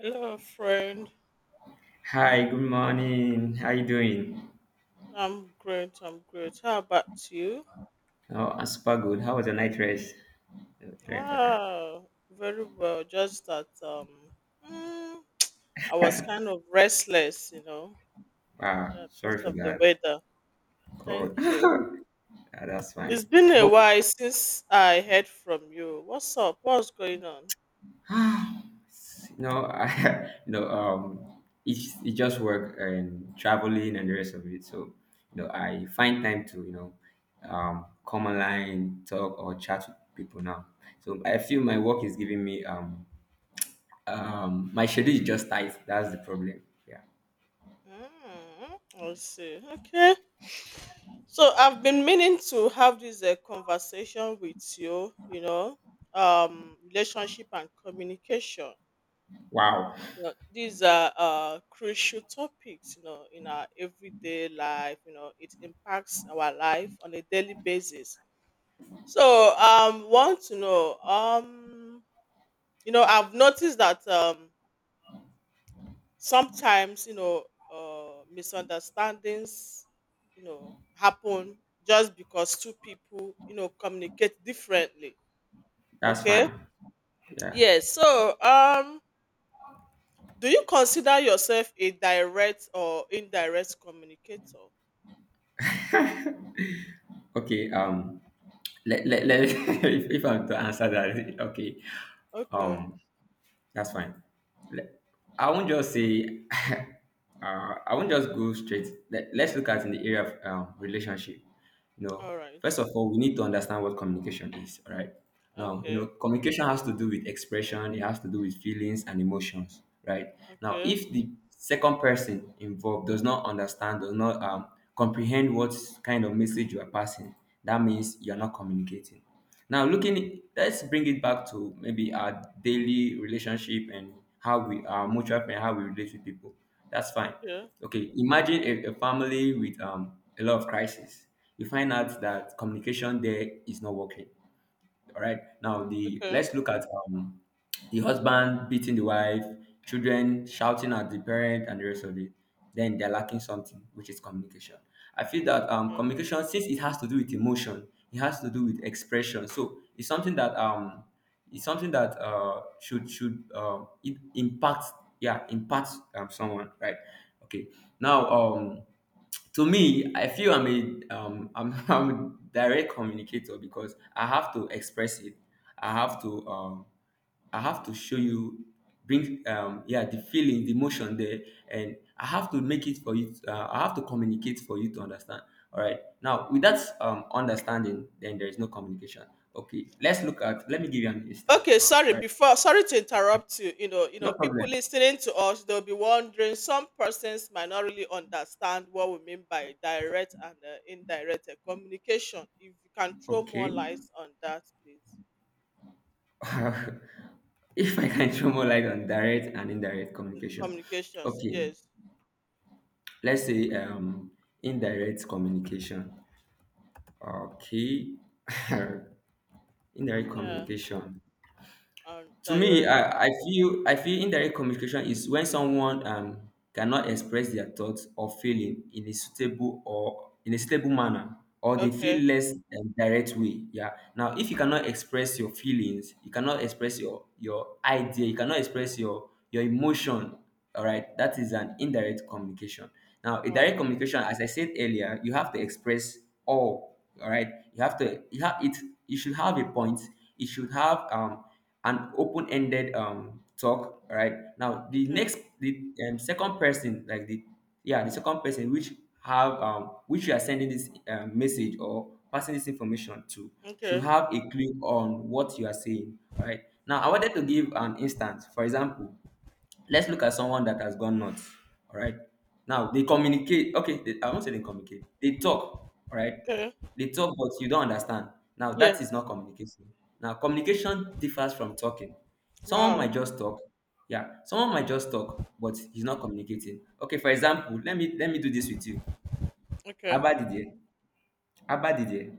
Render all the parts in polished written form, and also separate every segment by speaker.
Speaker 1: Hello, friend.
Speaker 2: Hi, good morning. How you doing?
Speaker 1: I'm great. I'm great. How about you?
Speaker 2: Oh, I'm super good. How was your night rest? Very important.
Speaker 1: Wow, very well. Just that mm, I was kind of restless,
Speaker 2: Wow,
Speaker 1: yeah, because
Speaker 2: sorry for
Speaker 1: of the
Speaker 2: that.
Speaker 1: weather.
Speaker 2: Oh,
Speaker 1: Thank you.
Speaker 2: yeah, that's fine.
Speaker 1: It's been a
Speaker 2: Hope.
Speaker 1: while since I heard from you. What's up? What's going on?
Speaker 2: No, I, no. It's it just work and traveling and the rest of it. So, I find time to come online, talk or chat with people now. So I feel my work is giving me my schedule is just tight. That's the problem. Yeah.
Speaker 1: Mm, I see. Okay. So I've been meaning to have this conversation with you, relationship and communication.
Speaker 2: Wow,
Speaker 1: You know, these are crucial topics, in our everyday life. You know, it impacts our life on a daily basis. Want to know, I've noticed that sometimes misunderstandings, you know, happen just because two people, you know, communicate differently.
Speaker 2: that's
Speaker 1: Okay.
Speaker 2: fine. Yeah.
Speaker 1: Yes. Do you consider yourself a direct or indirect communicator?
Speaker 2: Okay. Let let let. If I'm to answer that, okay.
Speaker 1: Okay.
Speaker 2: Um. That's fine. Le- I won't just say, I won't just go straight. Let's look at in the area of relationship. You know,
Speaker 1: All right.
Speaker 2: first of all, we need to understand what communication is. All right. Now, you know,
Speaker 1: Okay.
Speaker 2: communication has to do with expression. It has to do with feelings and emotions. Right. Now,
Speaker 1: Okay.
Speaker 2: if the second person involved does not understand, does not comprehend what kind of message you are passing, that means you are
Speaker 1: Okay.
Speaker 2: not communicating. Now, looking, let's bring it back to maybe our daily relationship and how we our mutual friend, how we relate with people. That's fine.
Speaker 1: Okay.
Speaker 2: Okay, imagine a family with a lot of crisis. You find out that communication there is not working. All right. Now the
Speaker 1: Okay.
Speaker 2: Let's look at the husband beating the wife, children shouting at the parent, and the rest of it. Then they're lacking something, which is communication. I feel that
Speaker 1: Yeah.
Speaker 2: communication, since it has to do with emotion, it has to do with expression. So it's something that should it impacts yeah impacts someone right. Okay. Now to me I feel I'm, I'm a direct communicator because I have to express it. I have to I have to show you, bring the feeling, the emotion there, and I have to make it for you. I have to communicate for you to understand. All right, now with that understanding, then there is no communication. Okay, let's look at let me give you an instant.
Speaker 1: Okay,
Speaker 2: All right.
Speaker 1: sorry to interrupt you. You know,
Speaker 2: No
Speaker 1: people
Speaker 2: problem.
Speaker 1: listening to us, they'll be wondering, some persons might not really understand what we mean by direct and indirect communication. If you can throw more
Speaker 2: Okay.
Speaker 1: light on that, please.
Speaker 2: If I can throw more light on direct and indirect communication.
Speaker 1: Communications,
Speaker 2: Okay,
Speaker 1: yes.
Speaker 2: let's say indirect communication. Okay. Indirect
Speaker 1: Yeah,
Speaker 2: communication
Speaker 1: and
Speaker 2: to me,
Speaker 1: direct.
Speaker 2: I feel indirect communication is when someone cannot express their thoughts or feeling in a suitable manner, or they
Speaker 1: Okay.
Speaker 2: feel less direct way, yeah. Now, if you cannot express your feelings, you cannot express your idea, you cannot express your emotion, all right, that is an indirect communication. Now a
Speaker 1: Wow.
Speaker 2: direct communication, as I said earlier, you have to express. All right. You have it, you should have a point, it should have an open-ended talk, right? now the
Speaker 1: Okay.
Speaker 2: next the Second person, like the yeah the second person which have which you are sending this message or passing this information to, should
Speaker 1: Okay.
Speaker 2: have a clue on what you are saying. All right. Now I wanted to give an instance. For example, let's look at someone that has gone nuts. All right. Now they communicate. Okay, I won't say they communicate. They talk. All right.
Speaker 1: Okay.
Speaker 2: They talk, but you don't understand. Now that is
Speaker 1: Yes.
Speaker 2: not communication. Now communication differs from talking. Someone
Speaker 1: Wow.
Speaker 2: might just talk. Yeah. Someone might just talk, but he's not communicating. Okay. For example, let me do this with you.
Speaker 1: Okay.
Speaker 2: Abba Didier. Abba Didier.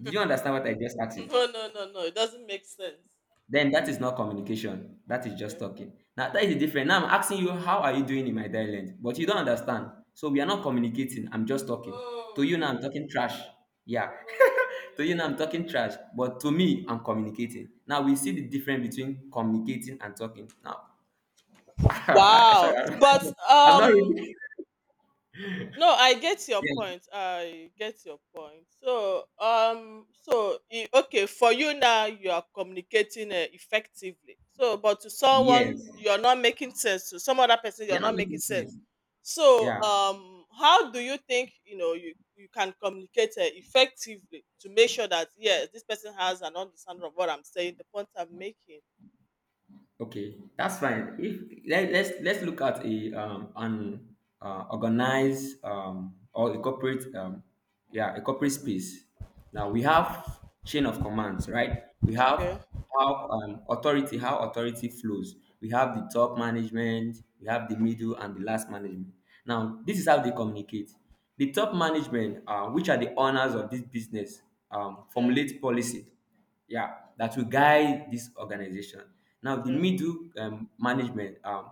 Speaker 2: Did you understand what I just asked you?
Speaker 1: No, no, no, no. It doesn't make sense.
Speaker 2: Then that is not communication. That is just
Speaker 1: Okay.
Speaker 2: talking. Now that is the difference. Now I'm asking you, how are you doing in my dialect? But you don't understand. So we are not communicating. I'm just talking. To
Speaker 1: Oh.
Speaker 2: you now, I'm talking trash. Yeah. To
Speaker 1: Okay.
Speaker 2: you now, I'm talking trash. But to me, I'm communicating. Now we see the difference between communicating and talking. Now, sorry,
Speaker 1: Wow. But
Speaker 2: I'm not really.
Speaker 1: No, I get your
Speaker 2: Yeah.
Speaker 1: point. I get your point. So for you now, you are communicating effectively. So, but to someone,
Speaker 2: Yes.
Speaker 1: you're not making sense. To some other person, you're
Speaker 2: You're not
Speaker 1: not making
Speaker 2: making
Speaker 1: sense.
Speaker 2: sense. Yeah.
Speaker 1: How do you think you can communicate effectively to make sure that yes, this person has an understanding of what I'm saying, the point I'm making.
Speaker 2: Okay, that's fine. If let's look at a an organized or a corporate yeah a corporate space. Now we have chain of commands, right? We have
Speaker 1: Okay.
Speaker 2: how authority flows. We have the top management, we have the middle, and the last management. Now this is how they communicate. The top management, which are the owners of this business,
Speaker 1: Okay.
Speaker 2: formulate policy yeah that will guide this organization. Now the
Speaker 1: Okay.
Speaker 2: middle management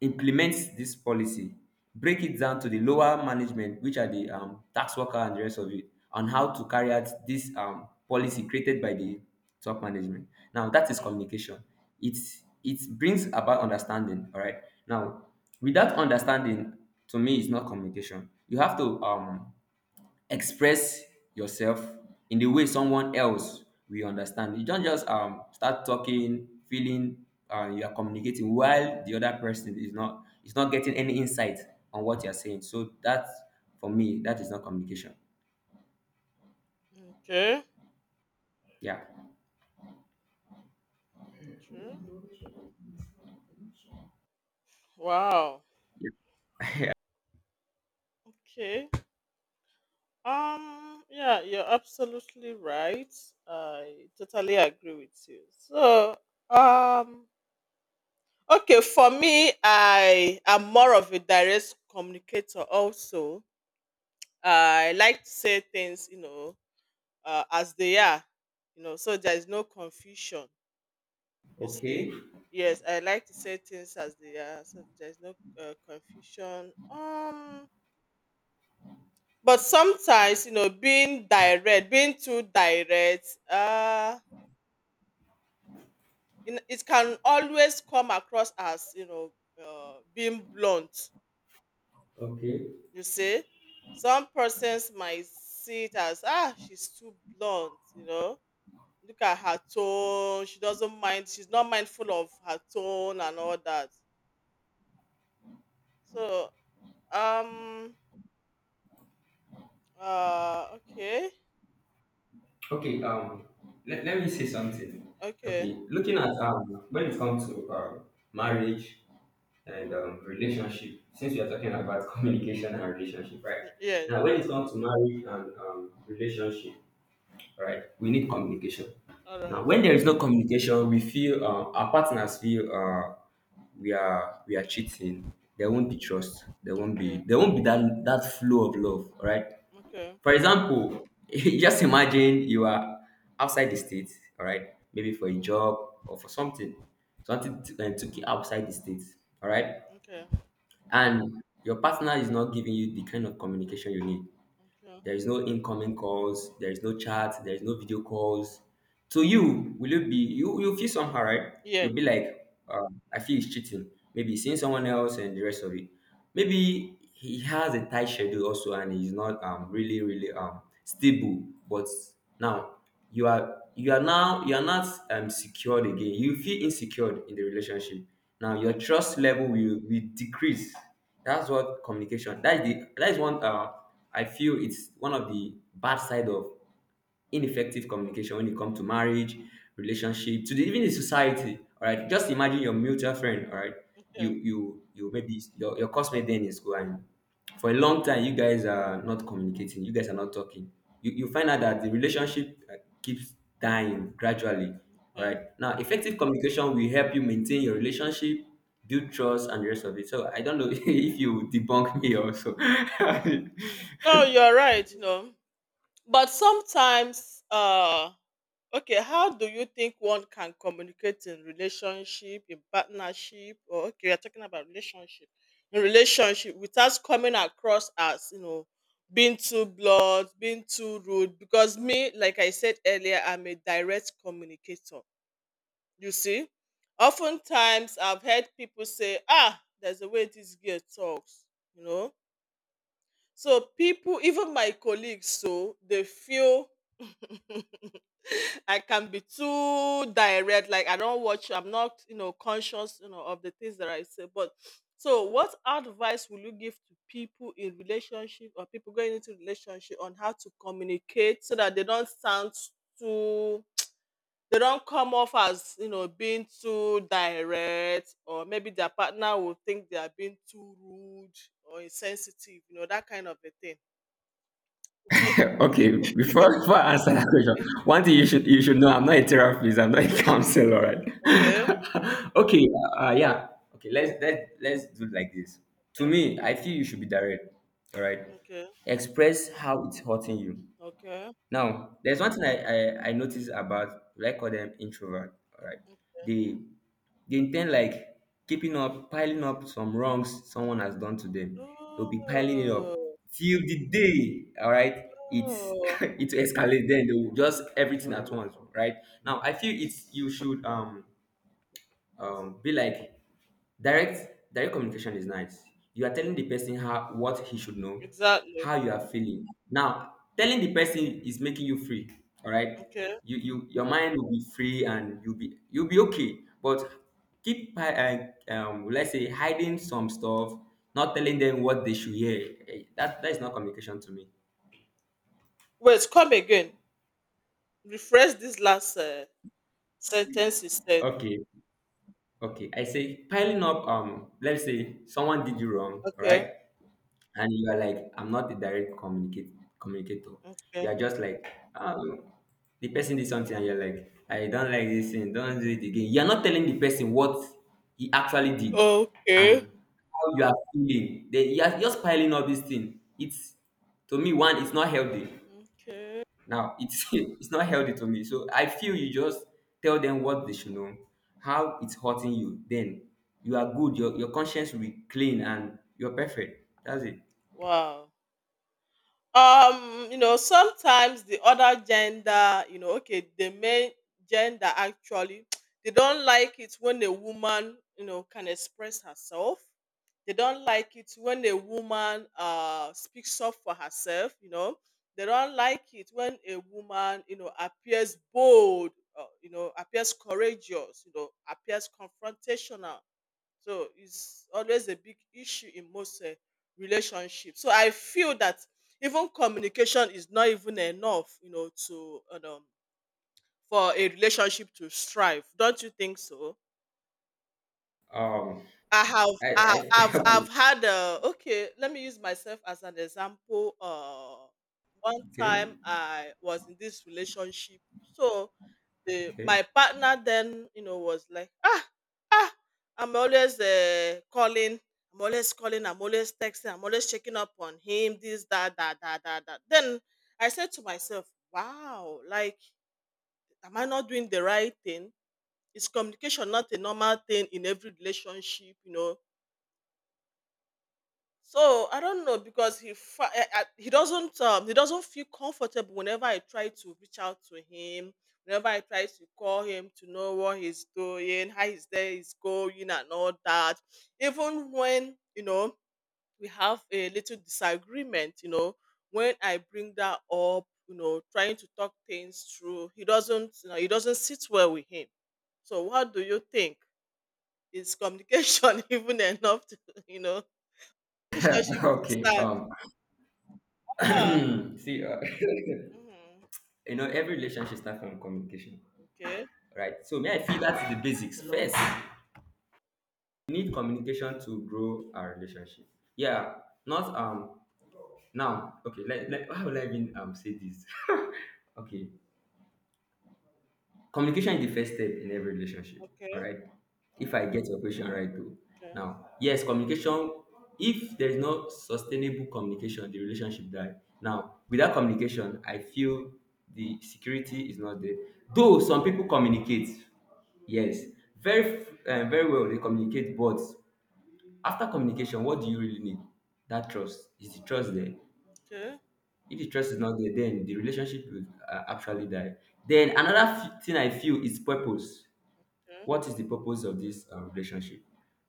Speaker 2: implements this policy, break it down to the lower management, which are the tax worker and the rest of it, on how to carry out this policy created by the top management. Now that is
Speaker 1: Mm,
Speaker 2: communication. It it brings about understanding. All right. Now, without understanding, to me, it's not communication. You have to express yourself in the way someone else will understand. You don't just start talking, feeling you are communicating while the other person is not getting any insight on what you're saying. So that for me, that is not communication.
Speaker 1: okay.
Speaker 2: Yeah.
Speaker 1: True. Wow.
Speaker 2: Yeah.
Speaker 1: Okay. Yeah, you're absolutely right. I totally agree with you. Um. Okay. For me, I am more of a direct communicator. Also, I like to say things, you know, as they are. You know, so there is no confusion. You see,
Speaker 2: Okay.
Speaker 1: yes, I like to say things as they are, so there's no confusion. But sometimes, you know, being direct, being too direct you it can always come across as, you know, being blunt.
Speaker 2: Okay.
Speaker 1: You see, some persons might see it as, ah, she's too blunt, you know, look at her tone, she doesn't mind, she's not mindful of her tone and all that. so um okay.
Speaker 2: Okay, let me say something.
Speaker 1: Okay.
Speaker 2: Okay, looking at when it comes to marriage and relationship, since we are talking about communication and relationship, right?
Speaker 1: Yes.
Speaker 2: Now, when it comes to marriage and relationship, right? We need communication.
Speaker 1: All right.
Speaker 2: Now, when there is no communication, we feel our partners feel we are cheating. There won't be trust. There won't be
Speaker 1: Okay.
Speaker 2: that flow of love, right?
Speaker 1: Okay.
Speaker 2: For example, just imagine you are outside the state, all right, maybe for a job or for something, took you outside the state, all right,
Speaker 1: Okay.
Speaker 2: and your partner is not giving you the kind of communication you need.
Speaker 1: Okay.
Speaker 2: There is no incoming calls. There is no chat. There is no video calls. To you, will you be you? You feel somehow, right?
Speaker 1: Yes.
Speaker 2: You'll be like, I feel he's cheating. Maybe he's seeing someone else and the rest of it. Maybe he has a tight schedule also, and he's not really stable. But now you are not secured again. You feel insecure in the relationship. Now your
Speaker 1: Yeah.
Speaker 2: trust level will decrease. That's what communication. That is one. I feel it's one of the bad side of ineffective communication when it comes to marriage, relationship, even in society. All right, just imagine your mutual friend. All right,
Speaker 1: Yeah.
Speaker 2: you maybe your classmate then in school, and for a long time you guys are not communicating. You guys are not talking. You find out that the relationship keeps dying gradually. All
Speaker 1: Yeah.
Speaker 2: right, now effective communication will help you maintain your relationship, build trust, and the rest of it. So I don't know if you debunk me also.
Speaker 1: No, you're right. You know, but sometimes, okay. How do you think one can communicate in relationship, in partnership, or okay, we are talking about relationship, in relationship, without coming across as, you know, being too blunt, being too rude? Because me, like I said earlier, I'm a direct communicator. You see, oftentimes I've heard people say, ah, there's a way this girl talks, you know. So people, even my colleagues, so they feel I can be too direct, like I don't watch, I'm not, you know, conscious, you know, of the things that I say. But so what advice will you give to people in relationship or people going into relationship on how to communicate so that they don't sound too, they don't come off as, you know, being too direct, or maybe their partner will think they are being too rude or insensitive, you know, that kind of a thing.
Speaker 2: Okay, before I answer that question, one thing you should know, I'm not a therapist, I'm not a counselor,
Speaker 1: Okay.
Speaker 2: right? Okay, yeah, okay. Let's do it like this. To me, I feel you should be direct. All right,
Speaker 1: Okay.
Speaker 2: express how it's hurting you.
Speaker 1: Okay.
Speaker 2: Now, there's one thing I noticed about, like, I call them introvert, all right? They they intend, like, keeping up, piling up some wrongs someone has done to them. They'll be piling it up
Speaker 1: Oh,
Speaker 2: till the day, all right, it's
Speaker 1: oh,
Speaker 2: it will escalate. Then they'll just everything at once, right? Now I feel it's you should be like, direct communication is nice. You are telling the person how what he should know,
Speaker 1: exactly.
Speaker 2: how you are feeling. Now, telling the person is making you free. All right.
Speaker 1: Okay.
Speaker 2: Your mind will be free, and you'll be okay. But keep let's say hiding some stuff, not telling them what they should hear. Eh, that is not communication to me.
Speaker 1: Wait, come again. Refresh this last sentence you said.
Speaker 2: Okay. Okay. I say piling up, um, let's say someone did you wrong, all
Speaker 1: Okay.
Speaker 2: right? And you are like, I'm not a direct communicate communicator. You are
Speaker 1: Okay.
Speaker 2: just like, um the person did something and you're like, I don't like this thing, don't do it again. You're not telling the person what he actually did
Speaker 1: Okay.
Speaker 2: and how you are feeling. Then you're just piling up this thing. It's, to me, one it's not healthy.
Speaker 1: Okay.
Speaker 2: Now it's it's not healthy to me. So I feel you just tell them what they should know, how it's hurting you, then you are good. Your conscience will be clean and you're perfect. That's it.
Speaker 1: Wow. You know, sometimes the other gender, you know, okay, the main gender actually they don't like it when a woman, you know, can express herself, they don't like it when a woman speaks up for herself, you know, they don't like it when a woman, you know, appears bold, you know, appears courageous, you know, appears confrontational. So it's always a big issue in most relationships. So I feel that even communication is not even enough, you know, to for a relationship to strive. Don't you think so?
Speaker 2: Um,
Speaker 1: I have, I,
Speaker 2: I
Speaker 1: I've had. Okay, let me use myself as an example. One time
Speaker 2: okay,
Speaker 1: I was in this relationship, so the
Speaker 2: okay,
Speaker 1: my partner then, you know, was like, ah, ah, I'm always calling, I'm always calling, I'm always texting, I'm always checking up on him, this that that that that that. Then I said to myself, wow, like, am I not doing the right thing? Is communication not a normal thing in every relationship, you know? So I don't know because he fa- eh, eh, he doesn't feel comfortable whenever I try to reach out to him, whenever I try to call him to know what he's doing, how his day is going, and all that. Even when, you know, we have a little disagreement, you know, when I bring that up, you know, trying to talk things through, he doesn't, he doesn't sit well with him. So what do you think? Is communication even enough to, you know, relationship to
Speaker 2: okay.
Speaker 1: stand? Ah.
Speaker 2: See, uh,
Speaker 1: Mhm.
Speaker 2: you know, every relationship starts from communication,
Speaker 1: Okay.
Speaker 2: right? So, me, I feel that's the basics. First, we need communication to grow our relationship. Yeah, not now. Okay, let, how will I even say this? Okay, communication is the first step in every relationship. All
Speaker 1: Okay.
Speaker 2: right. If I get your question right, though.
Speaker 1: Okay.
Speaker 2: Now, yes, communication. If there is no sustainable communication, the relationship die. Now, without communication, I feel the security is not there. Though some people communicate, yes, very very well they communicate, but after communication, what do you really need? That trust, is the trust there?
Speaker 1: Okay.
Speaker 2: If the trust is not there, then the relationship will actually die. Then another thing I feel is purpose, what is the purpose of this relationship?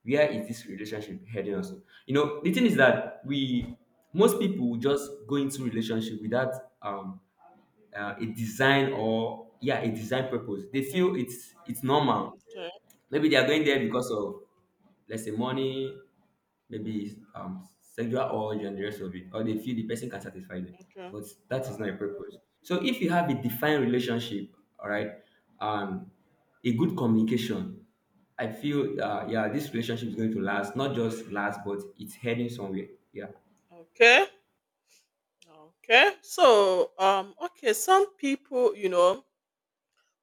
Speaker 2: Where is this relationship heading us? You know, the thing is that we, most people will just go into relationship without um, a design, or yeah, a design purpose. They feel
Speaker 1: Okay.
Speaker 2: it's normal.
Speaker 1: Okay.
Speaker 2: Maybe they are going there because of, let's say, money, maybe sexual urge and the rest of it, or they feel the person can satisfy them.
Speaker 1: Okay.
Speaker 2: But that is not a purpose. So if you have a defined relationship, all right, and a good communication, I feel yeah, this relationship is going to last, not just last, but it's heading somewhere. Yeah.
Speaker 1: Okay. Okay. Okay. Some people, you know,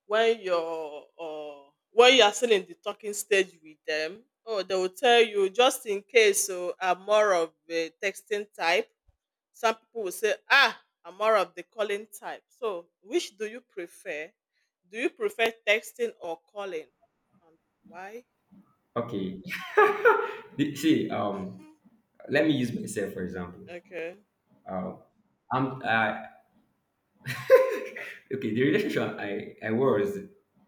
Speaker 1: when you are still in the talking stage with them, oh, they will tell you, just in case. So, I'm more of a texting type. Some people will say, ah, I'm more of the calling type. So, which do you prefer? Do you prefer texting or calling, and why?
Speaker 2: Okay. See, let me use myself for example.
Speaker 1: Okay.
Speaker 2: Uh, I'm okay. The relationship I was,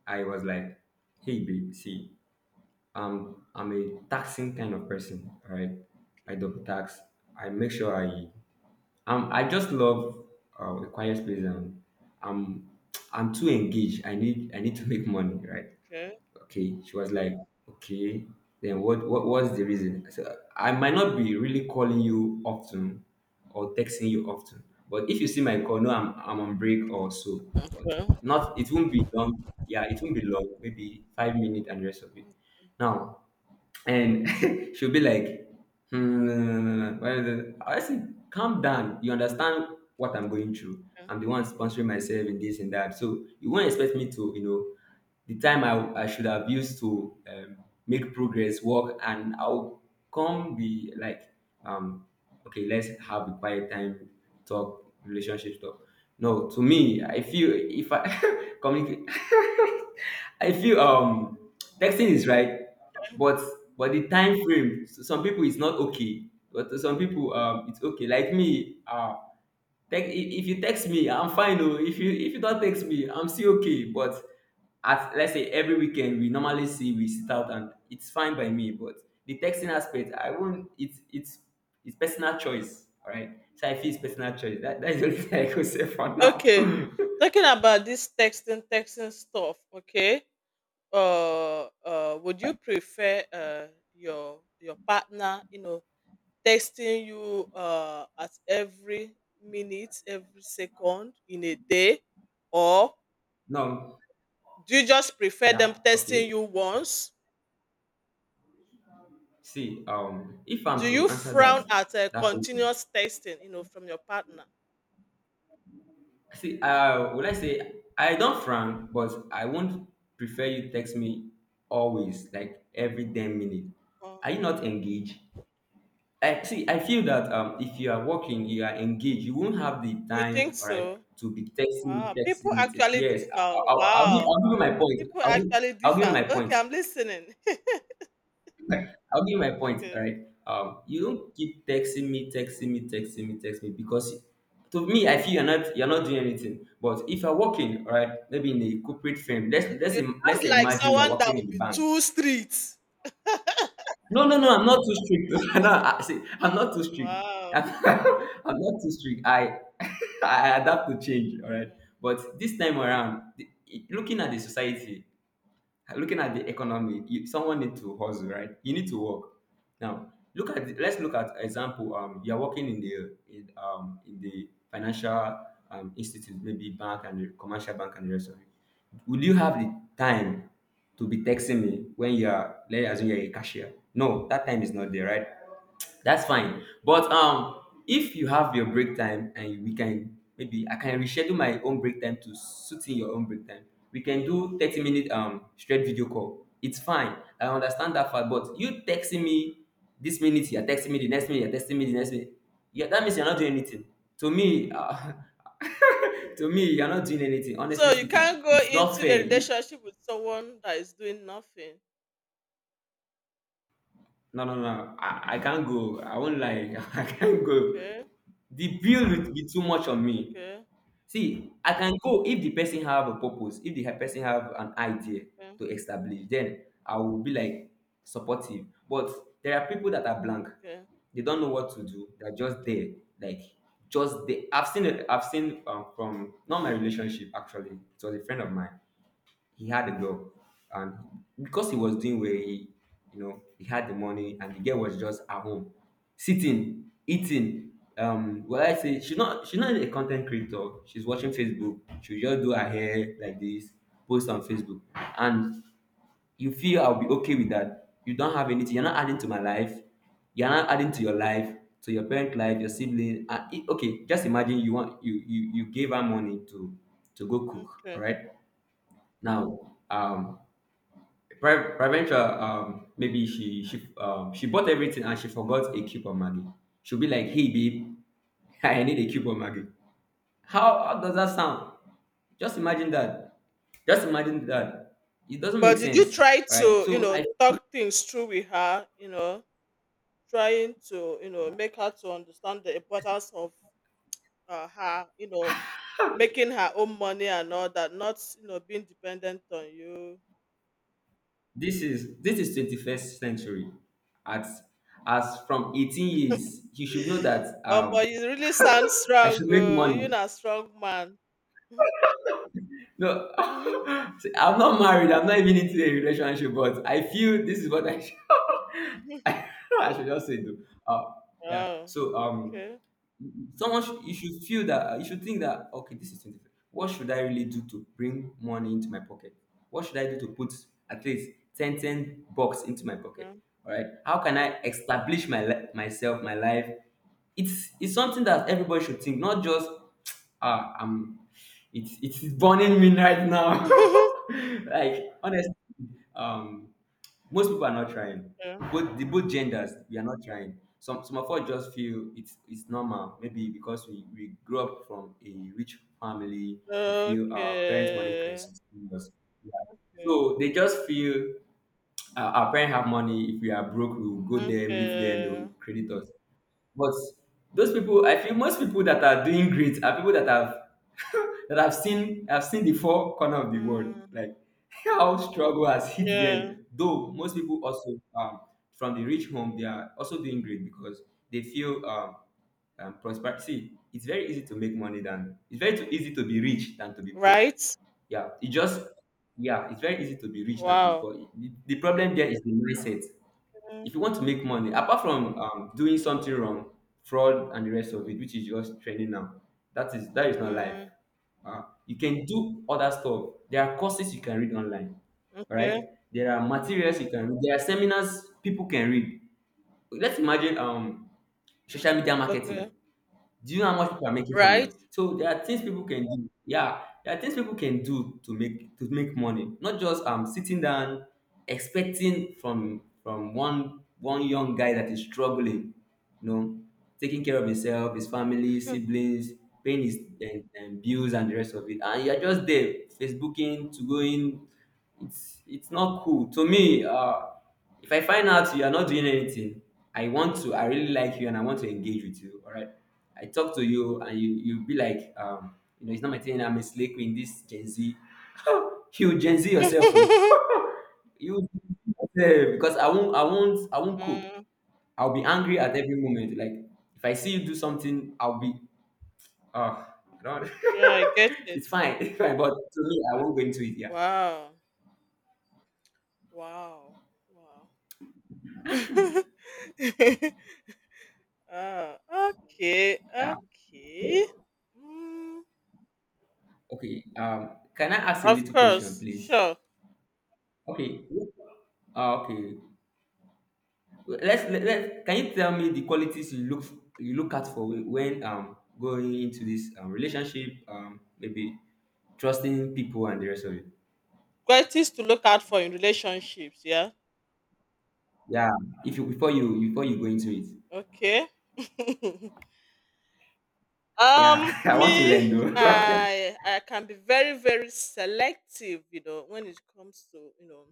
Speaker 2: I was like, hey babe, see. I'm a taxing kind of person, all right? I double tax. I make sure I just love a quiet place, and I'm I'm too engaged. I need to make money, right?
Speaker 1: Okay.
Speaker 2: Okay. She was like, okay, then what's the reason? I said, I might not be really calling you often or texting you often, but if you see my call, no, I'm on break or so. But
Speaker 1: Well,
Speaker 2: not, it won't be long. Yeah, it won't be long, maybe 5 minutes and the rest of it. Now, and she'll be like, hmm, I said, calm down. You understand what I'm going through.
Speaker 1: yeah.
Speaker 2: I'm the one sponsoring myself in this and that. So you won't expect me to, you know, the time I should have used to make progress work, and I'll come be like, um, okay, let's have a quiet time, talk, relationship talk. No, to me, I feel if I communicate, I feel texting is right, but but the time frame, so some people it's not okay, but to some people it's okay. Like me, if you text me, I'm fine. Oh, if you, if you don't text me, I'm still okay, but at, let's say every weekend we normally see, we sit out, and it's fine by me. But the texting aspect, I won't, it's personal choice, all right? So I feel it's personal choice. That's the only thing I could say for now.
Speaker 1: Okay. Talking about this texting, texting stuff. Okay. Would you prefer your partner, you know, texting you at every minute, every second in a day, or
Speaker 2: No,
Speaker 1: do you just prefer them
Speaker 2: yeah, okay.
Speaker 1: texting you once?
Speaker 2: See, if
Speaker 1: Do
Speaker 2: I'm
Speaker 1: you
Speaker 2: to answer that
Speaker 1: frown at
Speaker 2: that question,
Speaker 1: continuous texting, you know, from your partner?
Speaker 2: see, would I say I don't frown, but I won't prefer you text me always, like every damn minute.
Speaker 1: Oh,
Speaker 2: Are you not engaged? I see. I feel that if you are working, you are engaged. You won't have the
Speaker 1: you think
Speaker 2: time, all right,
Speaker 1: so?
Speaker 2: to be texting me,
Speaker 1: Wow, people
Speaker 2: texting me.
Speaker 1: actually
Speaker 2: Yes, I, I,
Speaker 1: differ.
Speaker 2: I'll, I'll give.
Speaker 1: Wow.
Speaker 2: I'll give you my point.
Speaker 1: People
Speaker 2: I'll give.
Speaker 1: actually
Speaker 2: I'll give you
Speaker 1: differ.
Speaker 2: my
Speaker 1: Okay,
Speaker 2: point.
Speaker 1: I'm listening.
Speaker 2: Like, I'll give you my point,
Speaker 1: Okay.
Speaker 2: right? You don't keep texting me, texting me, texting me, text me, because to me, I feel you're not doing anything. But if you're working, all right, maybe in a corporate firm,
Speaker 1: You, you
Speaker 2: let's
Speaker 1: sound
Speaker 2: say
Speaker 1: like
Speaker 2: imagine you're
Speaker 1: someone that
Speaker 2: working in
Speaker 1: would
Speaker 2: the
Speaker 1: be
Speaker 2: bank.
Speaker 1: two streets.
Speaker 2: No, no, no, I'm not too strict. No, I see, I'm not too strict.
Speaker 1: Wow.
Speaker 2: I'm,
Speaker 1: mhm,
Speaker 2: I'm not too strict. I I adapt to change, all right.
Speaker 1: mhm.
Speaker 2: But this time around, the, looking at the society, looking at the economy, you, someone need to hustle, right? You need to work. Now look at the, let's look at example, you're working in the in the financial institute, maybe bank and the commercial bank and the rest of it. Will you have the time to be texting me when you are, let's assume you're a cashier? No, that time is not there, right? That's fine. But if you have your break time, and we can, maybe I can reschedule my own break time to suit in your own break time. We can do 30 minute straight video call. It's fine. I understand that far. But you texting me this minute, you're texting me the next minute, you're texting me the next minute. Yeah, that means you're not doing anything. To me, to me, you're not doing anything.
Speaker 1: So
Speaker 2: Honestly
Speaker 1: you
Speaker 2: speaking,
Speaker 1: can't go
Speaker 2: it's not
Speaker 1: into a
Speaker 2: fair. You-
Speaker 1: relationship with someone that is doing nothing.
Speaker 2: No, no, no. I can't go. I won't lie. I can't go.
Speaker 1: Okay.
Speaker 2: The bill would be too much on me.
Speaker 1: Okay.
Speaker 2: See, I can go if the person have a purpose, if the person have an idea
Speaker 1: Okay.
Speaker 2: to establish, then I will be like supportive. But there are people that are blank.
Speaker 1: Okay.
Speaker 2: They don't know what to do. They're just there, like just there. I've seen it. I've seen from not my relationship actually. It was a friend of mine. He had a girl, and because he was doing well, he, you know, he had the money, and the girl was just at home, sitting, eating, well, I say she's not, she's not a content creator. She's watching Facebook. She'll just do her hair like this, post on Facebook, and you feel I'll be okay with that? You don't have anything. You're not adding to my life, you're not adding to your life, to your parent life, your sibling, and it, okay, just imagine you want, you gave her money to go
Speaker 1: Mm,
Speaker 2: cook, all
Speaker 1: okay.
Speaker 2: right? Now, Praventra, maybe she bought everything and she forgot a cube of Maggie. She'll be like, "Hey, babe, I need a cube of Maggie." How does that sound? Just imagine that. Just imagine that. It doesn't make
Speaker 1: But did you
Speaker 2: sense,
Speaker 1: try
Speaker 2: right?
Speaker 1: to, you
Speaker 2: So
Speaker 1: know,
Speaker 2: I think
Speaker 1: talk things through with her, you know, trying to, you know, make her to understand the importance of her, you know, making her own money and all that, not, you know, being dependent on you.
Speaker 2: this is 21st century. At, as from 18 years, you should know that
Speaker 1: But you really sound
Speaker 2: I
Speaker 1: strong.
Speaker 2: should make
Speaker 1: You're
Speaker 2: money.
Speaker 1: a strong man.
Speaker 2: No,
Speaker 1: Mhm,
Speaker 2: I'm not married. I'm not even into a relationship, but
Speaker 1: mhm,
Speaker 2: I feel this is what I should,
Speaker 1: mhm.
Speaker 2: I should just say. Though. Uh, yeah.
Speaker 1: Wow.
Speaker 2: So
Speaker 1: Okay.
Speaker 2: You should feel, that you should think that okay, this is 25. What should I really do to bring money into my pocket? What should I do to put at least 10 bucks into my pocket?
Speaker 1: Okay.
Speaker 2: All right. How can I establish myself, my life? It's something that everybody should think, not just ah, I'm, it's burning me right now.
Speaker 1: okay.
Speaker 2: Like, honestly, um, most people are not trying. Both, the both genders, we are not trying. Some of us just feel it's normal. Maybe because we grew up from a rich family, we feel our parents' money can
Speaker 1: Okay.
Speaker 2: sustain us. Yeah.
Speaker 1: Okay.
Speaker 2: So they just feel. Our parents have money. If we are broke, we will go there, meet them, they
Speaker 1: Okay.
Speaker 2: will credit us. But those people, I feel most people that are doing great are people that have that have seen, have seen the four corner of the world.
Speaker 1: Mm,
Speaker 2: Like, how struggle has hit
Speaker 1: yeah.
Speaker 2: them. Though most people also from the rich home, they are also doing great because they feel prosperity. It's very easy to make money than, it's very too easy to be rich than to be poor.
Speaker 1: Right?
Speaker 2: Yeah, it just, yeah, it's very easy to be rich than to be
Speaker 1: Wow.
Speaker 2: poor. The problem there is the mindset.
Speaker 1: Mm,
Speaker 2: If you want to make money, apart from doing something wrong, fraud and the rest of it, which is just training now, that is not life.
Speaker 1: mm,
Speaker 2: You can do other stuff. There are courses you can read online, all right?
Speaker 1: okay.
Speaker 2: There are materials you can read. There are seminars people can read. Let's imagine social media marketing.
Speaker 1: Okay.
Speaker 2: Do you know how much people are making from it?
Speaker 1: Right?
Speaker 2: So there are things people can do. Yeah, there are things people can do to make money. Not just sitting down expecting from from one young guy that is struggling, you know, taking care of himself, his family, siblings, paying his, and bills and the rest of it. And you're just there, Facebooking, to going, it's not cool to me. If I find out you are not doing anything, I want to. I really like you, and I want to engage with you. All right, I talk to you, and you be like, it's not my thing. I'm a slave in this Gen Z. You Gen Z yourself, oh. You yourself, because I won't cope.
Speaker 1: mm,
Speaker 2: I'll be angry at every moment. Like if I see you do something, I'll be, oh, I don't.
Speaker 1: yeah, I get it.
Speaker 2: It's fine, it's fine. But to me, I won't go into it. Yeah,
Speaker 1: Wow. Wow. Wow. Ah, okay.
Speaker 2: yeah.
Speaker 1: Okay.
Speaker 2: So,
Speaker 1: Mm,
Speaker 2: Okay. Can I ask a
Speaker 1: of
Speaker 2: little question,
Speaker 1: course.
Speaker 2: please?
Speaker 1: Sure.
Speaker 2: Okay. Ah. Okay. Let's let, let Can you tell me the qualities you look at for when going into this relationship, maybe trusting people and the rest of it.
Speaker 1: Qualities to look out for in relationships. Yeah.
Speaker 2: Yeah. If you before you go into it.
Speaker 1: Okay.
Speaker 2: Yeah. I want to
Speaker 1: Me,
Speaker 2: learn though.
Speaker 1: I can be very, very selective, you know, when it comes to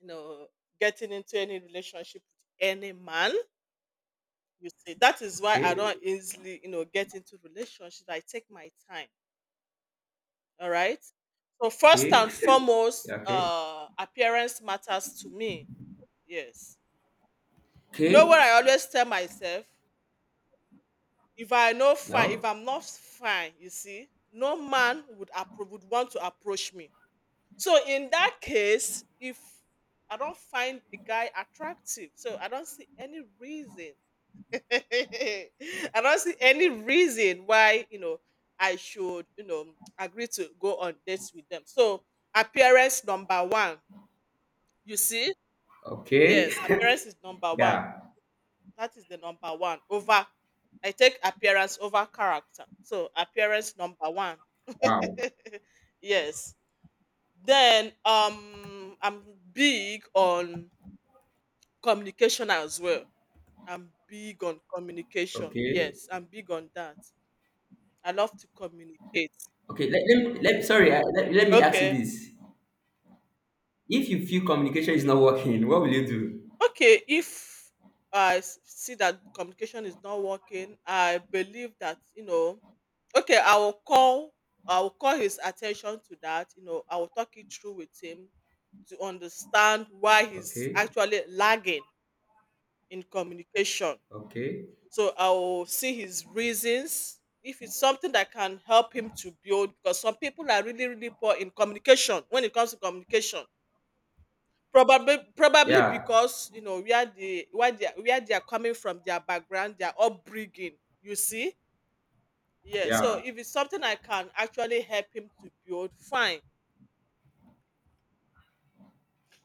Speaker 1: you know getting into any relationship with any man. You see, that is why I
Speaker 2: Okay.
Speaker 1: don't easily, you know, get into relationships. I take my time. All right. So first
Speaker 2: Okay.
Speaker 1: and
Speaker 2: Yeah,
Speaker 1: foremost,
Speaker 2: okay.
Speaker 1: appearance matters to me. Yes. You
Speaker 2: Okay.
Speaker 1: know what I always tell myself? If I know fine, if
Speaker 2: No.
Speaker 1: I'm not fine, you see, no man would would want to approach me. So in that case, if I don't find the guy attractive, so I don't see any reason. I don't see any reason why, you know, I should, you know, agree to go on dates with them. So appearance number one. You see,
Speaker 2: Okay.
Speaker 1: yes, appearance is number one.
Speaker 2: Yeah.
Speaker 1: That is the number one over. I take appearance over character. So appearance number one.
Speaker 2: Wow.
Speaker 1: yes. Then I'm big on communication as well. I'm big on communication.
Speaker 2: Okay.
Speaker 1: Yes, I'm big on that. I love to communicate.
Speaker 2: Okay. Let, let, me- let Sorry. Let me ask you
Speaker 1: Okay.
Speaker 2: this. If you feel communication is not working, what will you do?
Speaker 1: Okay, if see that communication is not working, I believe that, you know, okay, I will call his attention to that, you know, I will talk it through with him to understand why he's
Speaker 2: Okay.
Speaker 1: actually lagging in communication.
Speaker 2: Okay.
Speaker 1: So I'll see his reasons. If it's something that can help him to build, because some people are really, really poor in communication when it comes to communication. Probably
Speaker 2: Yeah.
Speaker 1: because, you know, where the where they are coming from, their background, their upbringing. You see, yeah. So
Speaker 2: Yeah.
Speaker 1: if it's something I can actually help him to build, fine.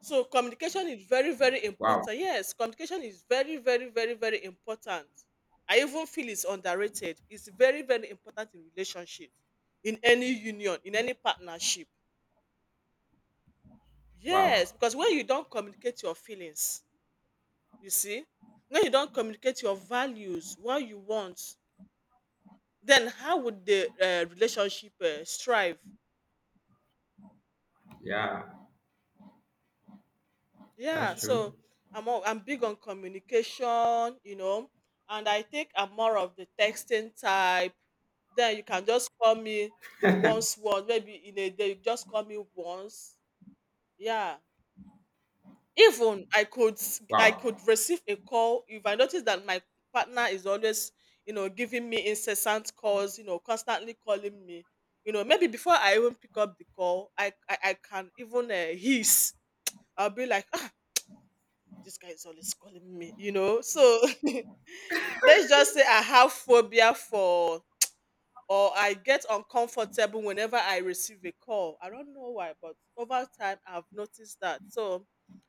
Speaker 1: So communication is very, very
Speaker 2: Wow.
Speaker 1: important. Yes, communication is very, very, very, very important. I even feel it's underrated. It's very, very important in relationships, in any union, in any partnership. Yes,
Speaker 2: Wow.
Speaker 1: because when you don't communicate your feelings, you see, when you don't communicate your values, what you want, then how would the relationship strive?
Speaker 2: Yeah. That's
Speaker 1: Yeah, so
Speaker 2: true.
Speaker 1: I'm big on communication, you know, and I think I'm more of the texting type. Then you can just call me once, maybe in a day you just call me once. Yeah. Even I could
Speaker 2: Wow.
Speaker 1: receive a call if I notice that my partner is always, you know, giving me incessant calls, you know, constantly calling me. You know, maybe before I even pick up the call, I can even hiss. I'll be like, ah, this guy is always calling me, you know. So let's just say I have phobia for or I get uncomfortable whenever I receive a call. I don't know why, but over time I've noticed that. So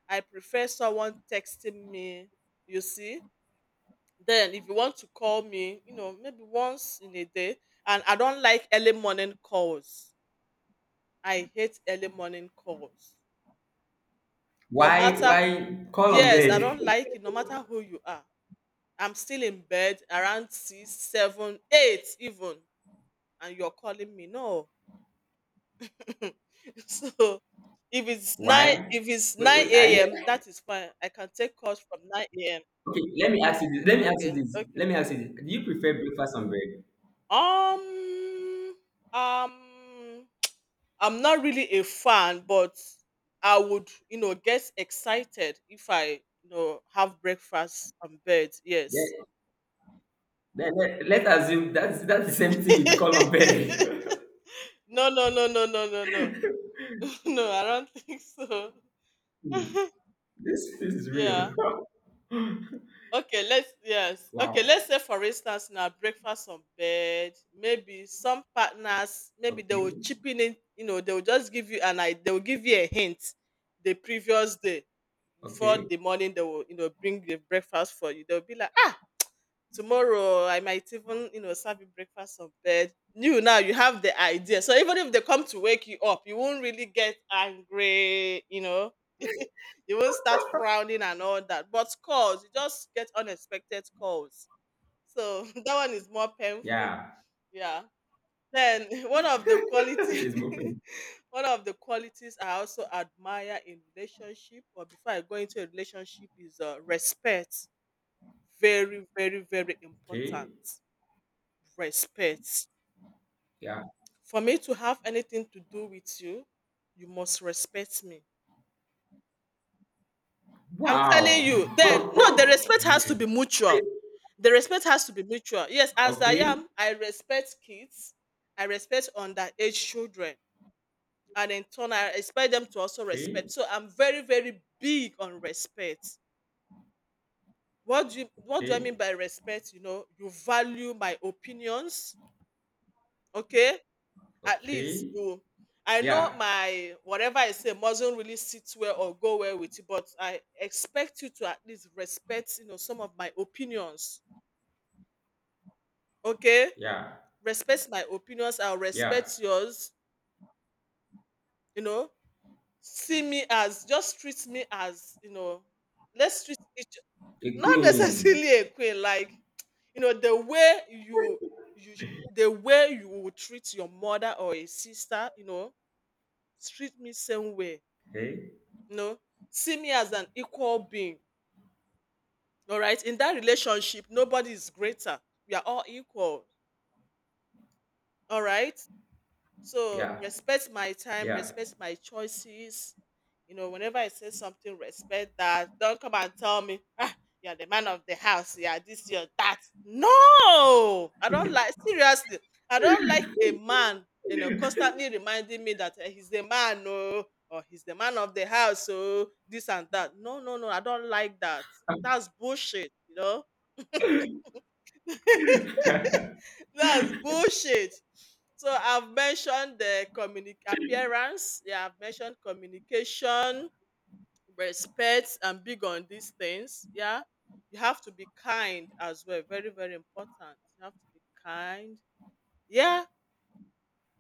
Speaker 1: I prefer someone texting me, you see. Then if you want to call me, you know, maybe once in a day. And I don't like early morning calls. I hate early morning calls. No
Speaker 2: why
Speaker 1: matter,
Speaker 2: why call on
Speaker 1: yes, I
Speaker 2: bed?
Speaker 1: don't like it, no matter who you are. I'm still in bed around six, seven, eight even, and you're calling me. No, so
Speaker 2: Why,
Speaker 1: if it's
Speaker 2: wait,
Speaker 1: nine
Speaker 2: wait,
Speaker 1: a.m. that is fine. I can take calls from nine a.m.
Speaker 2: okay, let me ask you this, let me ask you
Speaker 1: Okay,
Speaker 2: this
Speaker 1: okay.
Speaker 2: let me ask you this do you prefer breakfast on bed?
Speaker 1: Um, um, I'm not really a fan, but I would, you know, get excited if I, you know, have breakfast on bed. Yes.
Speaker 2: Let's assume that's the same thing with call on bed.
Speaker 1: No, no, no, no, no, no, no. No, I don't think so.
Speaker 2: Hmm, this is real.
Speaker 1: Yeah. Okay, let's yes. Okay,
Speaker 2: Wow.
Speaker 1: let's say for instance now breakfast on bed. Maybe some partners, maybe they will
Speaker 2: Okay.
Speaker 1: chipping in. You know, they will just give you an idea. They will give you a hint the previous day before
Speaker 2: Okay.
Speaker 1: the morning. They will, you know, bring the breakfast for you. They'll be like, "Ah, tomorrow I might even, you know, serve you breakfast on bed. You now you have the idea. So even if they come to wake you up, you won't really get angry, you know. You won't start frowning and all that. But calls, you just get unexpected calls. So that one is more painful.
Speaker 2: Yeah.
Speaker 1: Yeah. Then one of the
Speaker 2: This
Speaker 1: quality
Speaker 2: is moving.
Speaker 1: one of the qualities I also admire in relationship or before I go into a relationship is respect. Very, very, very
Speaker 2: Okay.
Speaker 1: important respect.
Speaker 2: Yeah.
Speaker 1: For me to have anything to do with you, you must respect me. I'm telling
Speaker 2: Wow.
Speaker 1: you, then no, the respect has to be
Speaker 2: Wait.
Speaker 1: mutual. The respect has to be mutual. Yes, as I
Speaker 2: Okay.
Speaker 1: am, I respect kids, I respect underage children, and in turn, I expect them to also respect.
Speaker 2: Okay.
Speaker 1: So I'm very, very big on respect. What do I
Speaker 2: Okay.
Speaker 1: mean by respect? You know, you value my opinions, okay? At least
Speaker 2: Okay.
Speaker 1: you I know
Speaker 2: Yeah.
Speaker 1: my whatever I say mustn't really sit well or go well with you, but I expect you to at least respect, you know, some of my opinions. Okay?
Speaker 2: Yeah.
Speaker 1: Respect my opinions, I'll
Speaker 2: Yeah.
Speaker 1: respect yours, you know. See me as, just treat me as, you know, let's treat each
Speaker 2: A
Speaker 1: not
Speaker 2: queen.
Speaker 1: necessarily a queen, like you know, the way you you the way you would treat your mother or a sister, you know, treat me same way.
Speaker 2: Okay.
Speaker 1: No, see me as an equal being. All right. In that relationship, nobody is greater. We are all equal. All right. So
Speaker 2: Yeah.
Speaker 1: respect my time,
Speaker 2: Yeah.
Speaker 1: respect my choices. You know, whenever I say something, respect that. Don't come and tell me, ah, you're the man of the house, yeah, this, you're that. No, I don't like, seriously. I don't like a man, you know, constantly reminding me that eh, he's the man, oh, or he's the man of the house, so this and that. No, no, no, I don't like that.
Speaker 2: Um,
Speaker 1: That's bullshit, you know. That's bullshit. So I've mentioned the appearance. Yeah, I've mentioned communication, respect, and big on these things. Yeah, you have to be kind as well. Very, very important. You have to be kind. Yeah,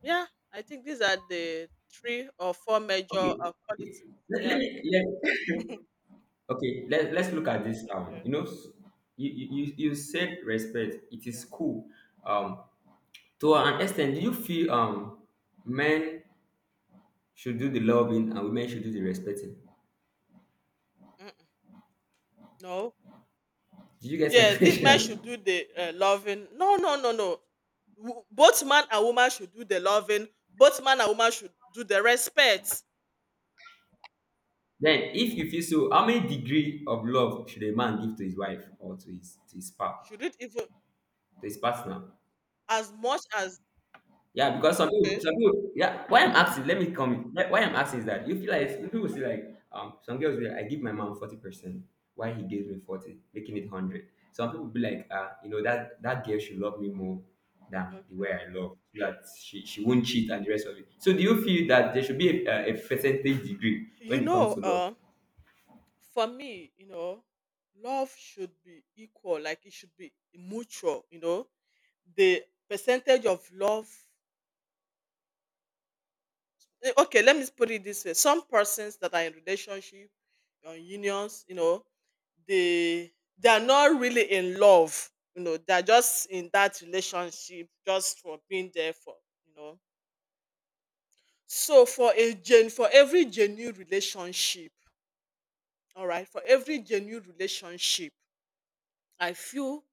Speaker 1: yeah. I think these are the three or four major
Speaker 2: okay. Okay.
Speaker 1: qualities.
Speaker 2: Let, let
Speaker 1: Yeah.
Speaker 2: me let Okay. Let's look at this. Um,
Speaker 1: Okay.
Speaker 2: you know, s- you, you you you said respect. It
Speaker 1: Okay.
Speaker 2: is cool. Um, to an extent, do you feel men should do the loving and women should do the respecting?
Speaker 1: Mm-mm. No.
Speaker 2: Did you get my
Speaker 1: Yes, if men should do
Speaker 2: question?
Speaker 1: the loving, no, no, no, no. W- Both man and woman should do the loving. Both man and woman should do the respect.
Speaker 2: Then, if you feel so, how many degree of love should a man give to his wife or
Speaker 1: Should it even
Speaker 2: to his partner?
Speaker 1: as much as
Speaker 2: Yeah, because some people,
Speaker 1: okay,
Speaker 2: some people, yeah. Why I'm asking?
Speaker 1: okay,
Speaker 2: Let me come. Why I'm asking is that you feel like people say like some girls will be like, I give my mom 40%, why he gave me 40, making it 100. Some people be like, ah, you know that that girl should love me more than the way
Speaker 1: okay.
Speaker 2: I love, so that she won't cheat and the rest of it. So do you feel that there should be a percentage degree
Speaker 1: You
Speaker 2: when it comes
Speaker 1: know,
Speaker 2: to love?
Speaker 1: for me, you know, love should be equal. Like it should be mutual. You know, the percentage of love. Eh, okay, let me put it this way, some persons that are in relationship or unions, you know, they they are not really in love, you know, they're just in that relationship just for being there for, you know. So for every genuine relationship, all right, for every genuine relationship, I feel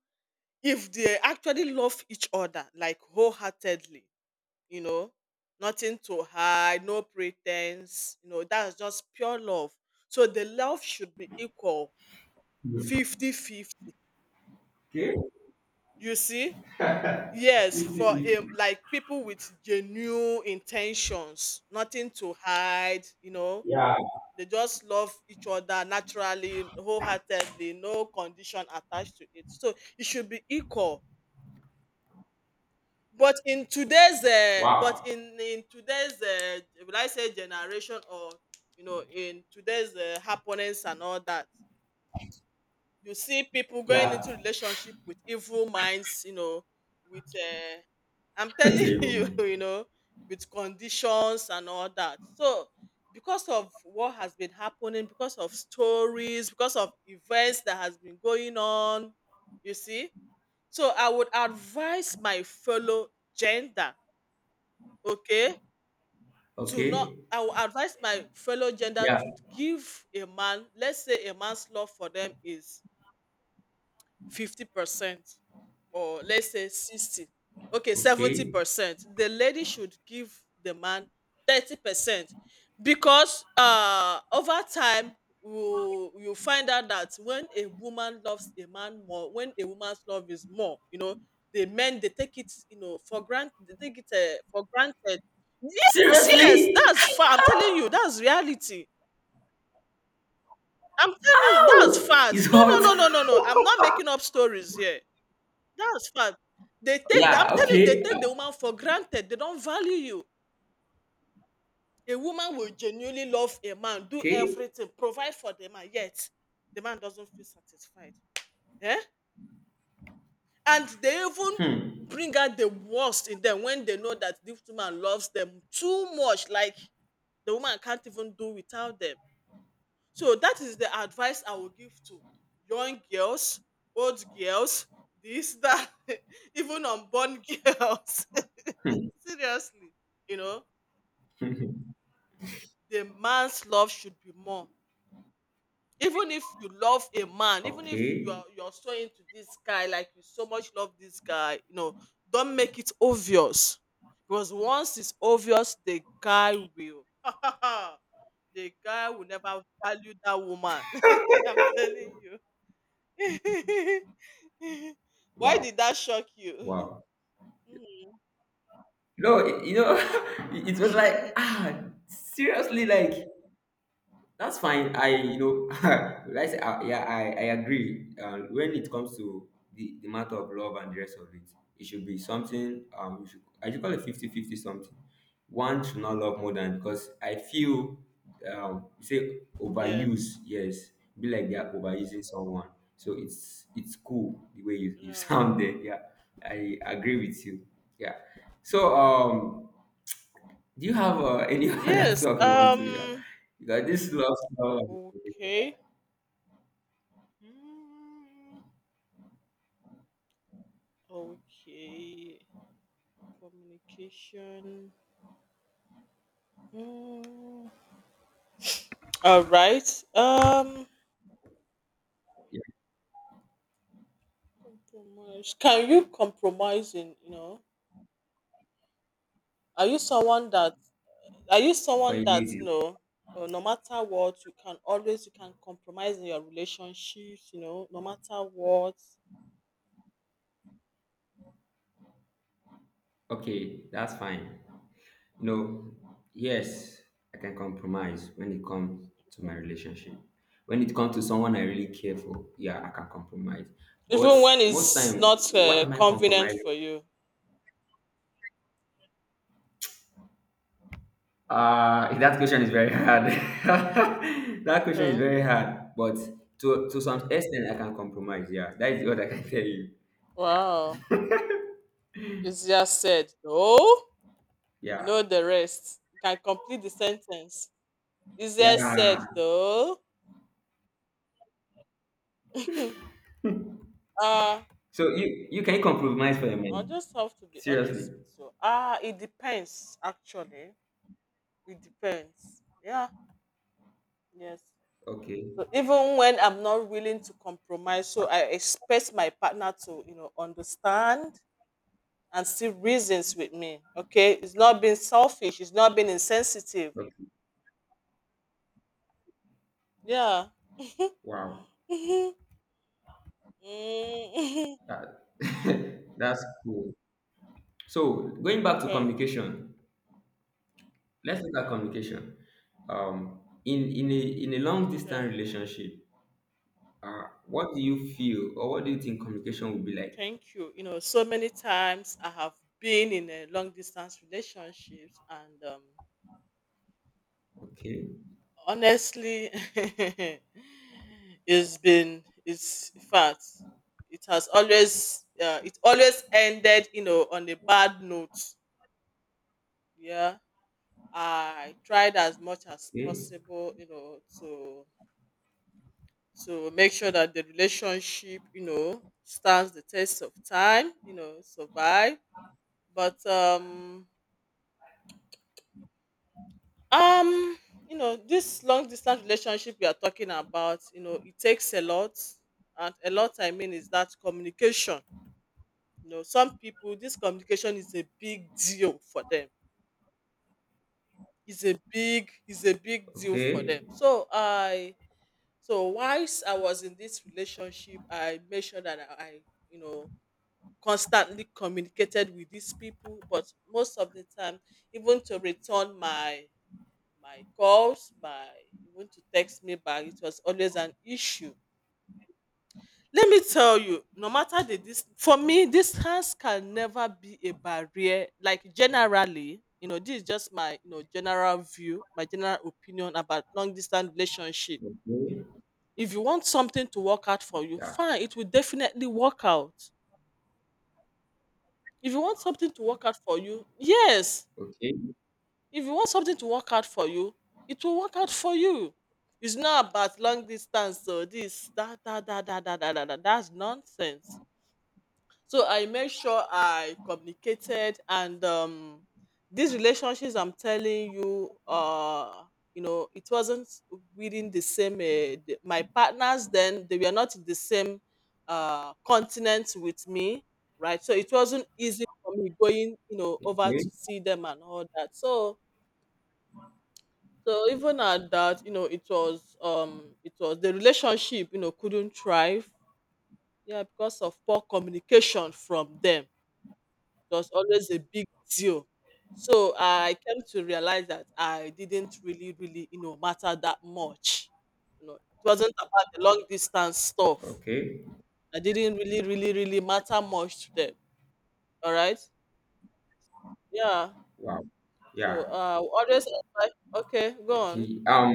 Speaker 1: if they actually love each other like wholeheartedly, you know, nothing to hide, no pretense, you know, that's just pure love. So the love should be equal, 50-50.
Speaker 2: Okay.
Speaker 1: You see? Yes, for like people with genuine intentions, nothing to hide, you know,
Speaker 2: Yeah.
Speaker 1: they just love each other naturally, wholeheartedly, no condition attached to it. So it should be equal, but in today's but
Speaker 2: Wow.
Speaker 1: in today's will I say generation or, you know, in today's happenings and all that, you see people going into
Speaker 2: Yeah.
Speaker 1: relationship with evil minds, you know, with I'm telling
Speaker 2: Save your
Speaker 1: you
Speaker 2: money.
Speaker 1: you know, with conditions and all that. So because of what has been happening, because of stories, because of events that has been going on, you see, so I would advise my fellow gender, okay, to not
Speaker 2: Okay.
Speaker 1: I will advise my fellow gender
Speaker 2: Yeah.
Speaker 1: to give a man, let's say a man's love for them is 50%, or let's say 60, okay, seventy
Speaker 2: Okay.
Speaker 1: percent the lady should give the man 30%, because uh, over time, you find out that when a woman loves a man more, when a woman's love is more, you know, the men, they take it, you know, for granted, they take it for granted. Yes, yes,
Speaker 2: Seriously?
Speaker 1: that's far, I'm telling you, that's reality. I'm telling you, that's
Speaker 2: Ow!
Speaker 1: fact,
Speaker 2: It's
Speaker 1: no,
Speaker 2: hot.
Speaker 1: no, no, no, no, no, I'm not making up stories here. That's fact. They take I'm
Speaker 2: Yeah.
Speaker 1: telling you, they
Speaker 2: Okay.
Speaker 1: take the woman for granted. They don't value you. A woman will genuinely love a man, do
Speaker 2: Okay.
Speaker 1: everything, provide for the man, yet the man doesn't feel satisfied. Eh? And they even
Speaker 2: Hmm.
Speaker 1: bring out the worst in them when they know that this woman loves them too much, like the woman can't even do without them. So that is the advice I will give to young girls, old girls, this, that, even unborn girls.
Speaker 2: Hmm.
Speaker 1: Seriously, you know, the man's love should be more. Even if you love a man, even if
Speaker 2: Okay.
Speaker 1: you're so into this guy, like you so much love this guy, you know, don't make it obvious. Because once it's obvious, the guy will. The guy will never value that woman. I'm telling you. Why
Speaker 2: Wow.
Speaker 1: did that shock you?
Speaker 2: Wow.
Speaker 1: Mhm,
Speaker 2: No, it was like, ah, seriously, like,
Speaker 1: mhm.
Speaker 2: that's fine. I, will I say, yeah, I agree. When it comes to the matter of love and the rest of it, it should be something, I should call it 50-50 something. One should not love more than, because I feel, you say
Speaker 1: Yes.
Speaker 2: overuse, yes, be like they are overusing someone. So it's cool the way you
Speaker 1: Yeah.
Speaker 2: sound there. Yeah, I agree with you. Yeah. So, do you have any other
Speaker 1: Yes.
Speaker 2: talk you want to? Yeah, because this love story, yeah,
Speaker 1: Okay. Mm. Okay. Communication. Mm. All right.
Speaker 2: yeah,
Speaker 1: Compromise. Can you compromise? In, you know, are you someone that are you
Speaker 2: for a
Speaker 1: someone that
Speaker 2: lady.
Speaker 1: you know? No matter what, you can always, you can compromise in your relationships. You know, no matter what.
Speaker 2: Okay, that's fine. No, yes, I can compromise when it comes to my relationship. When it comes to someone I really care for, yeah, I can compromise. But
Speaker 1: Even when
Speaker 2: most
Speaker 1: it's
Speaker 2: time,
Speaker 1: not
Speaker 2: what am I
Speaker 1: convenient
Speaker 2: compromising?
Speaker 1: for you.
Speaker 2: That question is very hard. That question is
Speaker 1: Okay.
Speaker 2: very hard. But to some extent, I can compromise. Yeah, that is what I can tell you. Yeah,
Speaker 1: Wow. Easier said, though. You
Speaker 2: yeah.
Speaker 1: know the rest. You can complete the sentence. Easier
Speaker 2: Yeah.
Speaker 1: said, though. uh,
Speaker 2: So you can compromise for a
Speaker 1: I'll
Speaker 2: man.
Speaker 1: just have to be
Speaker 2: Seriously.
Speaker 1: honest with you. Ah, it depends, actually. It depends. Yeah. Yes.
Speaker 2: Okay.
Speaker 1: So even when I'm not willing to compromise, so I expect my partner to, you know, understand and still reasons with me. Okay, it's not being selfish. It's not being insensitive.
Speaker 2: Okay.
Speaker 1: Yeah.
Speaker 2: Wow.
Speaker 1: Mhm. Mm,
Speaker 2: That, that's cool. So going back to
Speaker 1: okay.
Speaker 2: communication, let's look at communication. Um, in in a in a long distance
Speaker 1: Okay.
Speaker 2: relationship, what do you feel or what do you think communication will be like?
Speaker 1: Thank you. You know, so many times I have been in a long distance relationships, and
Speaker 2: Okay.
Speaker 1: honestly, it's in fact, it has always it always ended, you know, on a bad note. Yeah. I tried as much as
Speaker 2: Okay.
Speaker 1: possible, you know, to make sure that the relationship, you know, stands the test of time, you know, survive. But um, you know, this long distance relationship we are talking about, you know, it takes a lot. And a lot I mean is that communication. You know, some people, this communication is a big deal for them. It's a big deal for them.
Speaker 2: Okay.
Speaker 1: So I. So whilst I was in this relationship, I made sure that you know, constantly communicated with these people. But most of the time, even to return my my calls, my even to text me back, it was always an issue. Let me tell you, no matter the this for me, distance can never be a barrier. Like generally, you know, this is just my, you know, general view, my general opinion about long distance relationship.
Speaker 2: Okay.
Speaker 1: If you want something to work out for you,
Speaker 2: Yeah.
Speaker 1: fine, it will definitely work out. If you want something to work out for you, yes.
Speaker 2: Okay.
Speaker 1: If you want something to work out for you, it will work out for you. It's not about long distance, so this, that. That's nonsense. So I made sure I communicated and these relationships I'm telling you, you know it wasn't within the same my partners then they were not in the same continent with me, right? So it wasn't easy for me going, you know, over to
Speaker 2: Okay.
Speaker 1: see them and all that. So so even at that, you know, it was the relationship, you know, couldn't thrive, yeah, because of poor communication from them. It was always a big deal. So I came to realize that I didn't really, really, you know, matter that much. You know, it wasn't about the long distance stuff.
Speaker 2: Okay.
Speaker 1: I didn't really, really, really matter much to them. All right. Yeah.
Speaker 2: Wow.
Speaker 1: So
Speaker 2: Yeah.
Speaker 1: always advise. Okay, go on.
Speaker 2: Okay.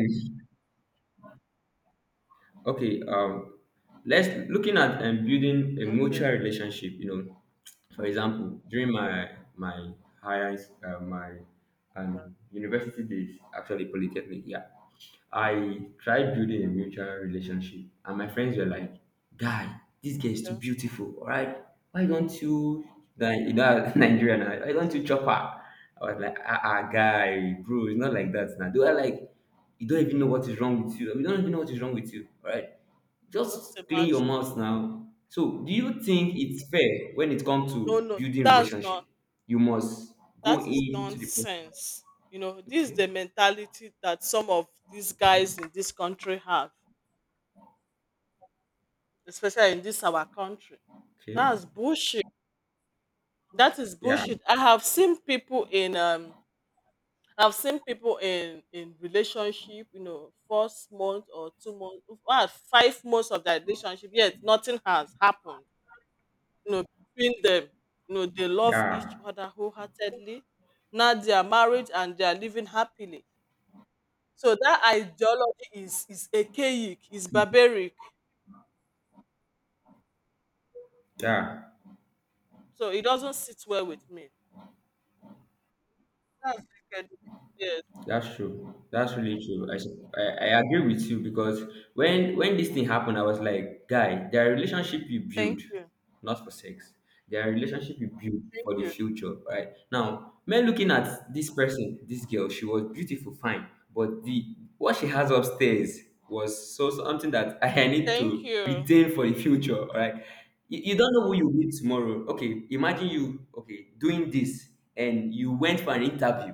Speaker 2: Okay, let's looking at and building a
Speaker 1: Okay.
Speaker 2: mutual relationship. You know, for example, during my my higher uh, my
Speaker 1: Yeah,
Speaker 2: um, university days, actually polytechnic, yeah. I tried building a mutual relationship, and my friends were like, "Guy, this girl is too
Speaker 1: yeah,
Speaker 2: beautiful. All right, why don't you?" Then, Nigerian. "Why don't you chop her?" I was like, "Ah, guy, bro, it's not like that now. Do I like, you don't even know what is wrong with you. You don't even know what is
Speaker 1: yeah.
Speaker 2: wrong with you. All right,
Speaker 1: Just
Speaker 2: just clean your
Speaker 1: imagine.
Speaker 2: mouth now." So, do you think it's fair when it comes
Speaker 1: No,
Speaker 2: to
Speaker 1: no,
Speaker 2: building
Speaker 1: that's
Speaker 2: relationship?
Speaker 1: not.
Speaker 2: You must go
Speaker 1: That is
Speaker 2: into the
Speaker 1: nonsense. You know, this is
Speaker 2: okay,
Speaker 1: the mentality that some of these guys in this country have, especially in this our country.
Speaker 2: okay,
Speaker 1: That's bullshit. That is
Speaker 2: yeah,
Speaker 1: bullshit. I have seen people in um, I've seen people in relationship, you know, first month or 2 months, well, 5 months of that relationship, yet nothing has happened. You know, between them, you know, they love each
Speaker 2: yeah.
Speaker 1: other wholeheartedly. Now they are married and they are living happily. So that ideology is archaic, is barbaric.
Speaker 2: Yeah,
Speaker 1: So it doesn't sit well with me. That's wicked. Yes.
Speaker 2: that's true. That's really true. I, I agree with you, because when this thing happened, I was like, guy, there are relationship you
Speaker 1: Thank
Speaker 2: build,
Speaker 1: you.
Speaker 2: not for sex. There are relationship you build
Speaker 1: Thank
Speaker 2: for the
Speaker 1: you.
Speaker 2: future, right? Now, men looking at this person, this girl, she was beautiful, fine, but the what she has upstairs was so something that I need
Speaker 1: Thank
Speaker 2: to
Speaker 1: you.
Speaker 2: retain for the future, all right? You don't know who you meet tomorrow. Okay, imagine you, okay, doing this and you went for an interview.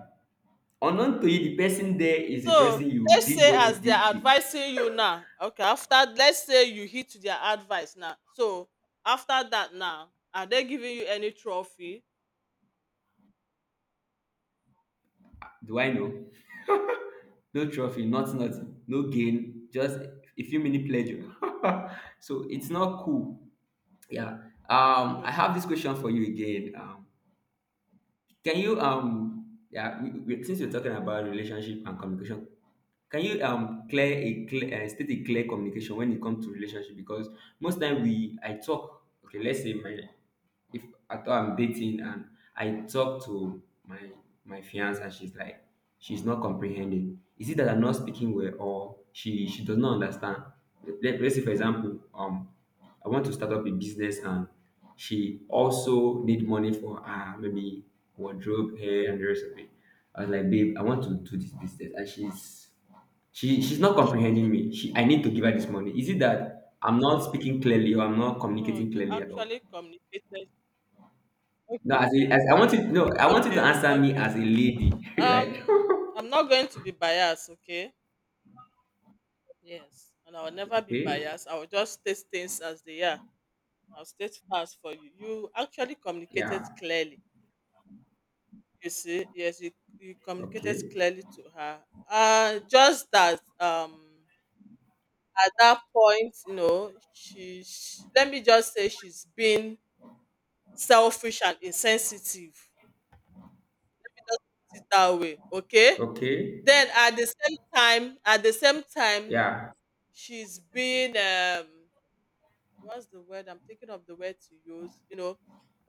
Speaker 2: Unknown to you, the person there is the
Speaker 1: So
Speaker 2: person you
Speaker 1: let's
Speaker 2: did
Speaker 1: say
Speaker 2: what you
Speaker 1: as they're
Speaker 2: did with.
Speaker 1: advising you now. Okay, after let's say you hit their advice now. So after that now, are they giving you any trophy?
Speaker 2: Do I know? No trophy, not nothing, no gain, just a few minute pleasure. So it's not cool. Yeah. I
Speaker 1: Okay.
Speaker 2: have this question for you again. Can you yeah, since you're talking
Speaker 1: Okay.
Speaker 2: about relationship and communication, can you clear a clear state a clear communication when it comes to relationship? Because most time we I talk, okay, let's say my if I thought I'm dating, and I talk to my fiance, and she's like, she's not comprehending. Is it that I'm not speaking well, or she does not understand? Let's say, for example, I want to start up a business, and she also need money for her, maybe wardrobe, hair, and the rest of it. I was like, babe, I want to do this business, and she's not comprehending me. She, I need to give her this money. Is it that I'm not speaking clearly, or I'm not
Speaker 1: No,
Speaker 2: communicating
Speaker 1: you
Speaker 2: clearly at all?
Speaker 1: actually communicated.
Speaker 2: No,
Speaker 1: Okay.
Speaker 2: as, a, as I want you no, I want you to
Speaker 1: Okay.
Speaker 2: answer me
Speaker 1: Okay.
Speaker 2: as a lady, right?
Speaker 1: Um, I'm not going to be biased, okay? Yes. And I will never be
Speaker 2: Okay,
Speaker 1: biased. I will just state things as they are. I'll state facts for you. You actually communicated
Speaker 2: yeah,
Speaker 1: clearly. You see, yes, you communicated
Speaker 2: okay,
Speaker 1: clearly to her. Just that at that point, you know, she let me just say she's been selfish and insensitive. Put it that way, okay?
Speaker 2: okay,
Speaker 1: Then at the same time, at the same time,
Speaker 2: yeah,
Speaker 1: she's been what's the word? I'm thinking of the word to use. You know,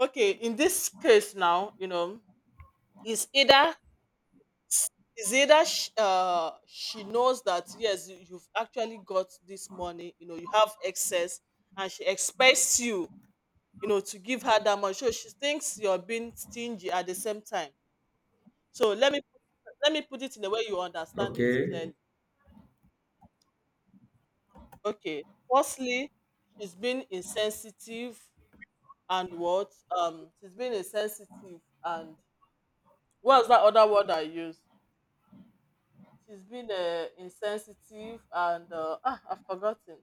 Speaker 1: okay. In this case now, you know, it's either is either she knows that, yes, you've actually got this money, you know, you have excess, and she expects you, you know, to give her that much, so she thinks you're being stingy at the same time. So let me put it in a way you understand this
Speaker 2: okay.
Speaker 1: clearly. Okay, firstly, she's been insensitive and what she's been insensitive and, what's that other word I use? She's been insensitive and I've forgotten.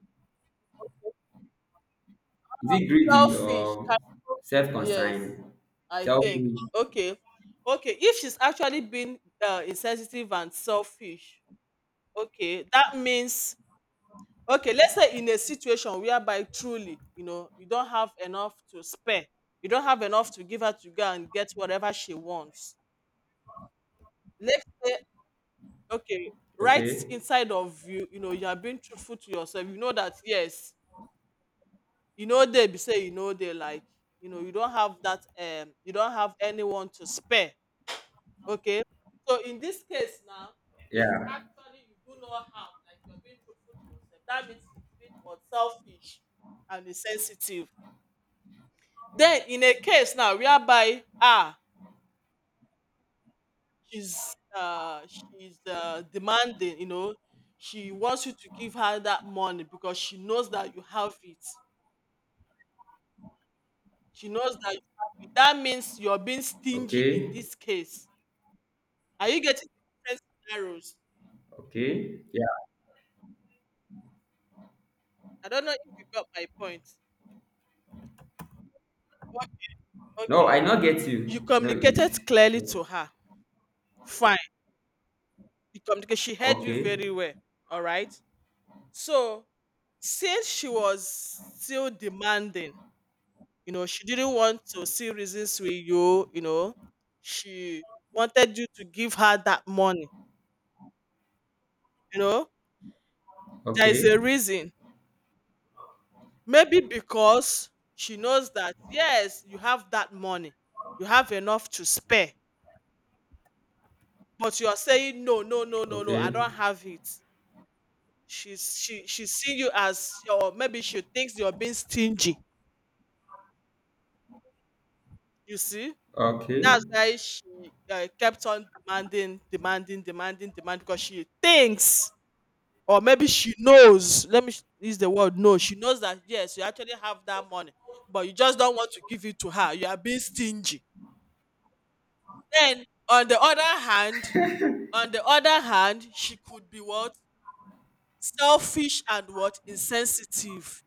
Speaker 2: Is it greedy
Speaker 1: Selfish,
Speaker 2: or
Speaker 1: caro, yes,
Speaker 2: self-concerned,
Speaker 1: I
Speaker 2: selfish?
Speaker 1: think. Okay. Okay, if she's actually been, insensitive and selfish, okay, that means, okay, let's say in a situation whereby truly, you know, you don't have enough to spare, you don't have enough to give her to go and get whatever she wants. Let's say, okay, right
Speaker 2: Okay,
Speaker 1: inside of you, you know, you are being truthful to yourself. You know that, yes, you know they be say, you know they like, you know you don't have that you don't have anyone to spare. Okay, so in this case now, if
Speaker 2: yeah,
Speaker 1: actually you do not have, like you're being truthful to yourself, that means you being what, selfish and insensitive. Then in a case now whereby, ah, she's demanding, you know, she wants you to give her that money because she knows that you have it. She knows that you have it. That means you're being stingy in
Speaker 2: okay,
Speaker 1: this case. Are you getting the different scenarios?
Speaker 2: okay, yeah.
Speaker 1: I don't know if you got my point. But okay.
Speaker 2: No, I not get
Speaker 1: You
Speaker 2: you. No, it's
Speaker 1: communicated
Speaker 2: it's
Speaker 1: clearly to her. Fine. You communicate, she heard you
Speaker 2: okay,
Speaker 1: very well. All right. So since she was still demanding, you know, she didn't want to see reasons with you, you know, she wanted you to give her that money, you know. There is a
Speaker 2: okay,
Speaker 1: reason. Maybe because she knows that yes, you have that money. You have enough to spare. But you are saying, "No, no, no, no, no, I
Speaker 2: okay,
Speaker 1: don't have it." She's she seeing you as, or maybe she thinks you're being stingy, you see?
Speaker 2: okay,
Speaker 1: That's why she, kept on demanding, demanding, demanding, demanding because she thinks, or maybe she knows, let me use the word "know." She knows that, yes, you actually have that money, but you just don't want to give it to her. You are being stingy. Then on the other hand, on the other hand, she could be what? Selfish and what? Insensitive.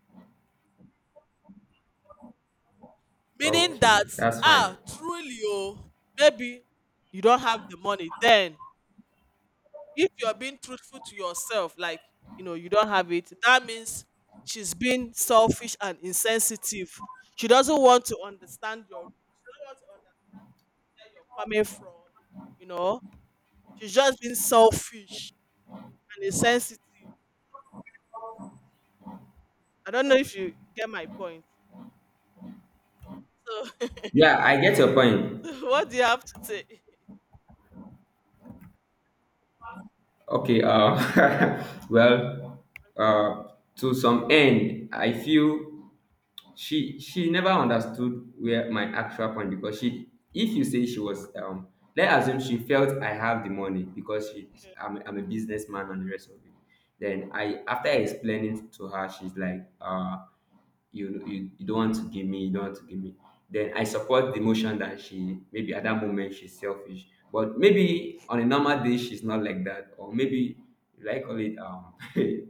Speaker 1: Meaning
Speaker 2: okay.
Speaker 1: that,
Speaker 2: That's
Speaker 1: ah,
Speaker 2: fine.
Speaker 1: truly, oh, maybe you don't have the money. Then if you're being truthful to yourself, like, you know you don't have it, that means she's being selfish and insensitive. She doesn't want to understand your, she doesn't want to understand where you're coming from, you know. She's just being selfish and insensitive. I don't know if you get my point. So,
Speaker 2: Yeah, I get your point.
Speaker 1: so what do you have to say?
Speaker 2: Okay, well, uh, to some end, I feel she never understood where my actual point, because she if you say she was, let's assume she felt I have the money, because she
Speaker 1: Okay,
Speaker 2: i'm, I'm a businessman and the rest of it. Then I, after explaining to her, she's like, you don't want to give me, you don't want to give me. Then I support the motion that she, maybe at that moment, she's selfish, but maybe on a normal day she's not like that, or maybe, like, call it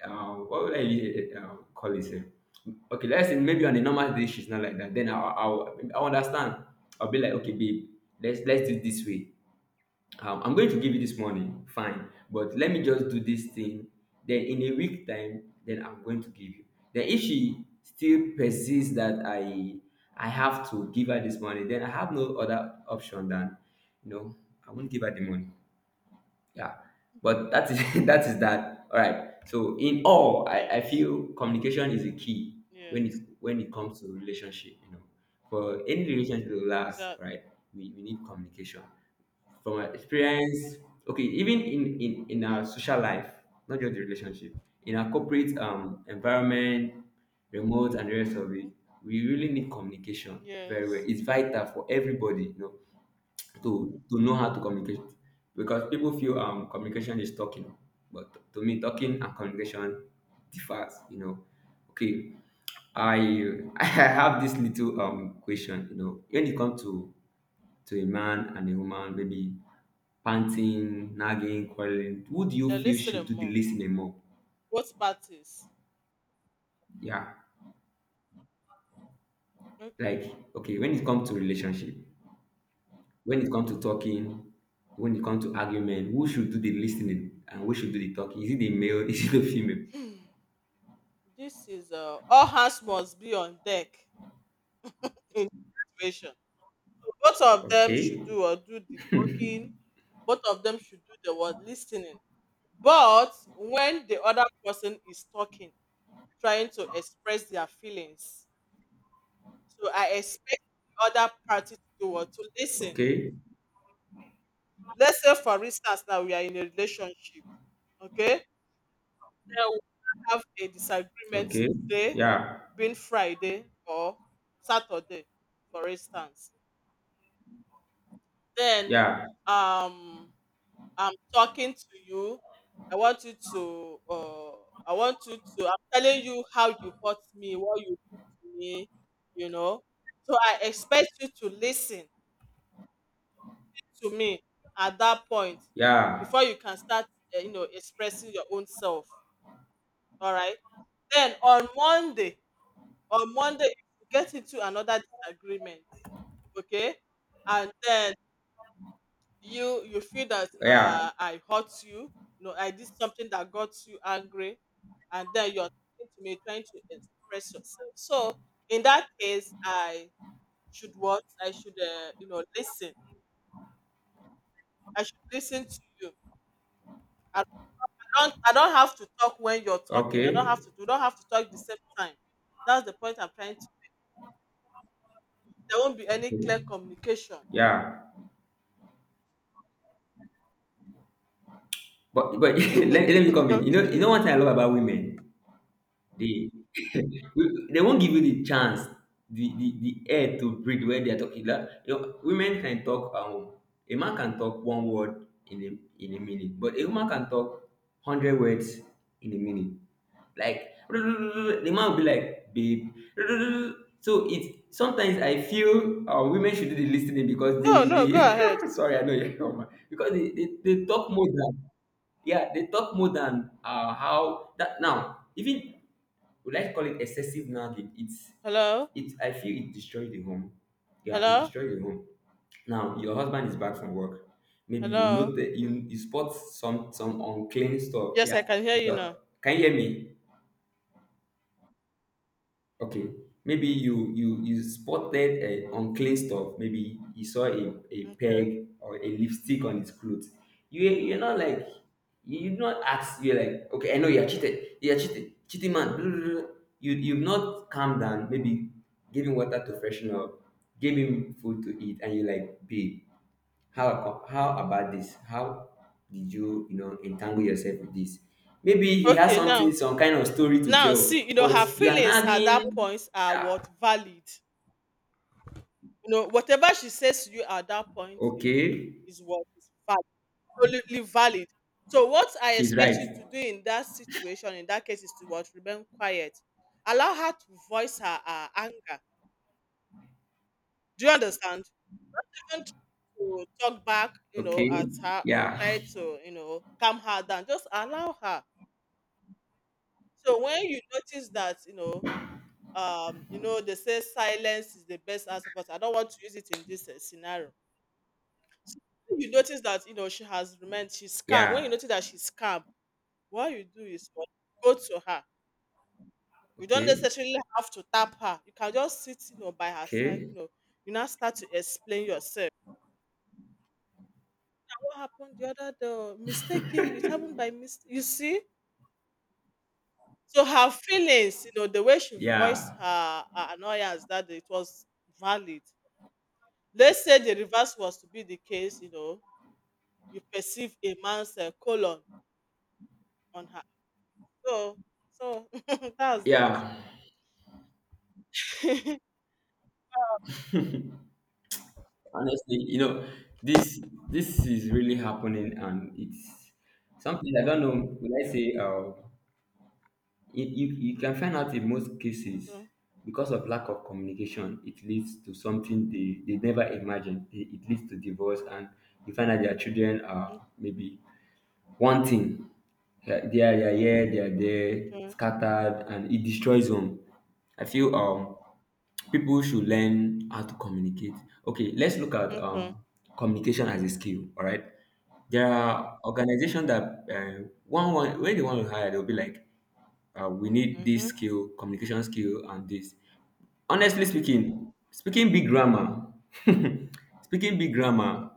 Speaker 2: What would I really, call it? Eh? Okay, let's say maybe on a normal day she's not like that. Then I'll understand. I'll be like, okay, babe, let's do it this way. I'm going to give you this money, fine, but let me just do this thing. Then in a week time, then I'm going to give you. Then if she still persists that I have to give her this money, then I have no other option than, you know, I won't give her the money. Yeah, but that is that is that. All right. So in all, I
Speaker 1: yes,
Speaker 2: feel communication is a key when it
Speaker 1: yes,
Speaker 2: when it comes to relationship. You know, for any relationship to last,
Speaker 1: exactly.
Speaker 2: right, we need communication. From my experience, okay, even in our
Speaker 1: Yes.
Speaker 2: social life, not just the relationship, in our corporate environment, remote and the rest of it, we really need communication very well.
Speaker 1: Yes.
Speaker 2: It's vital for everybody. You know, to know how to communicate because people feel communication is talking, but to me talking and communication differs. Okay I I have this little question, you know, when it comes to a man and a woman, maybe panting, nagging, quarreling, who do
Speaker 1: They
Speaker 2: you feel
Speaker 1: listed
Speaker 2: should
Speaker 1: them
Speaker 2: do the
Speaker 1: more.
Speaker 2: listening more?
Speaker 1: Both parties.
Speaker 2: Yeah, like
Speaker 1: Okay.
Speaker 2: okay, when it comes to relationship, when it comes to talking, when it comes to argument, who should do the listening and who should do the talking? Is it the male? Is it the female?
Speaker 1: This is all hands must be on deck in this situation. So both of them
Speaker 2: Okay,
Speaker 1: should do or do the talking. Both of them should do the word listening. But when the other person is talking, trying to express their feelings, so I expect the other party to do what, to listen.
Speaker 2: okay,
Speaker 1: Let's say, for instance, now we are in a relationship. Okay, then we have a disagreement
Speaker 2: okay.
Speaker 1: today,
Speaker 2: Yeah,
Speaker 1: being Friday or Saturday, for instance. Then,
Speaker 2: yeah,
Speaker 1: um, I'm talking to you. I want you to. Uh, I want you to, I'm telling you how you hurt me, what you did to me. You know. So I expect you to listen to me at that point
Speaker 2: yeah,
Speaker 1: before you can start, you know, expressing your own self. All right. Then on Monday, if you get into another disagreement, okay, and then you feel that,
Speaker 2: yeah.
Speaker 1: I hurt you, you know, I did something that got you angry, and then you're talking to me trying to express yourself. So in that case, I should what, I should, you know, listen. I should listen to you. I don't I don't have to talk when you're talking. I don't
Speaker 2: Okay,
Speaker 1: have to. We don't have to talk the same time. That's the point I'm trying to. There won't be any
Speaker 2: okay.
Speaker 1: clear communication.
Speaker 2: Yeah. But let me come in. You know, you
Speaker 1: Okay.
Speaker 2: know, one thing I love about women. They they won't give you the chance, the air to breathe where they are talking. Like, you know, women can talk at home. A man can talk one word in a minute, but a woman can talk hundred
Speaker 1: Mm.
Speaker 2: words in a minute. Like the man will be like, babe. So it's sometimes I feel women should do the listening because
Speaker 1: No,
Speaker 2: they
Speaker 1: no,
Speaker 2: they
Speaker 1: go ahead.
Speaker 2: sorry I know you because they talk more than yeah they talk more than how that now, even would like to call it excessive now that it's
Speaker 1: Hello,
Speaker 2: it, I feel it destroyed the home. Yeah, it
Speaker 1: hello,
Speaker 2: destroyed the home. Now your husband is back from work, maybe you
Speaker 1: hello.
Speaker 2: note that you spot some unclean stuff.
Speaker 1: Yes,
Speaker 2: Yeah,
Speaker 1: I can hear you now.
Speaker 2: but can you hear me? Okay, maybe you you spotted a unclean stuff, maybe you saw a
Speaker 1: Okay.
Speaker 2: peg or a lipstick on his clothes. You, you're not like, you not ask, you're like, okay, I know you're cheated, you're cheated, cheating man, blah, blah, blah. You you've not calmed down, maybe giving water to freshen up, gave him food to eat, and you're like, babe, how about this? How did you, you know, entangle yourself with this? Maybe he has
Speaker 1: Okay,
Speaker 2: something,
Speaker 1: now,
Speaker 2: some kind of story to
Speaker 1: now,
Speaker 2: tell,
Speaker 1: see, you know,
Speaker 2: but
Speaker 1: her
Speaker 2: you are
Speaker 1: feelings at
Speaker 2: nagging.
Speaker 1: that point are what,
Speaker 2: Yeah,
Speaker 1: valid. You know, whatever she says to you at that point, you know,
Speaker 2: okay,
Speaker 1: is what is valid, absolutely valid. So, what I
Speaker 2: she's
Speaker 1: expect
Speaker 2: right.
Speaker 1: you to do in that situation, in that case, is to what, remain quiet, allow her to voice her anger. Do you understand? Don't try to talk back, you know,
Speaker 2: Okay.
Speaker 1: at her, or
Speaker 2: Yeah.
Speaker 1: try to, you know, calm her down. Just allow her. So when you notice that, you know, they say silence is the best answer, but I don't want to use it in this scenario. So when you notice that, you know, she's calm. When you
Speaker 2: Yeah.
Speaker 1: notice that she's calm, what you do is what, go to her. You don't
Speaker 2: Okay,
Speaker 1: necessarily have to tap her. You can just sit, you know, by her side, you
Speaker 2: okay.
Speaker 1: know, you now start to explain yourself, what happened the other day, oh, mistaken, it happened by mistake, you see. So her feelings, you know, the way she voiced
Speaker 2: Yeah.
Speaker 1: her annoyance that day, it was valid. Let's say the reverse was to be the case, you know, you perceive a man's colon on her. So, so that's it.
Speaker 2: Yeah. Honestly, you know, this this is really happening, and it's something I don't know, would I say, uh, it, you can find out. In most cases,
Speaker 1: True,
Speaker 2: because of lack of communication, it leads to something they never imagined. It leads to divorce, and you find out their children
Speaker 1: mm,
Speaker 2: are maybe one thing. Yeah, they are, they are here, they are there,
Speaker 1: okay,
Speaker 2: scattered, and it destroys home. I feel people should learn how to communicate. Okay, let's look at
Speaker 1: okay,
Speaker 2: communication as a skill. All right, there are organizations that one when they want to hire, they'll be like, we need this
Speaker 1: mhm,
Speaker 2: skill, communication skill, and this. Honestly speaking, speaking big grammar, speaking big grammar.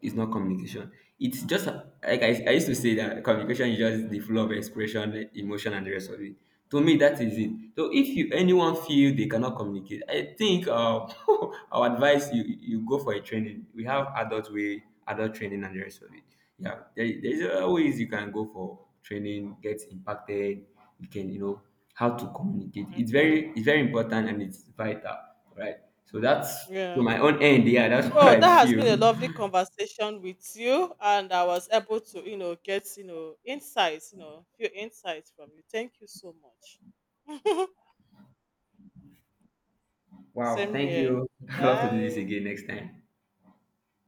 Speaker 2: It's not communication. It's just like I used to say that communication is just
Speaker 1: okay,
Speaker 2: the flow of expression, emotion, and the rest of it. To me, that is it. So if you, anyone feel they cannot communicate, I think our advice, you go for a training. We have adult way, adult training, and the rest of it. Yeah, there's a ways you can go for training, get impacted. You can, you know, how to communicate. It's
Speaker 1: okay,
Speaker 2: very, it's very important and it's vital, right? So that's to
Speaker 1: yeah.
Speaker 2: my own end. Yeah, that's what
Speaker 1: Oh,
Speaker 2: I
Speaker 1: that has been a
Speaker 2: feel.
Speaker 1: lovely conversation with you, and I was able to, you know, get, you know, insights, you know, few insights from you. Thank you so much.
Speaker 2: Wow,
Speaker 1: Same
Speaker 2: thank
Speaker 1: here.
Speaker 2: you. I love to do this
Speaker 1: Bye.
Speaker 2: again next time.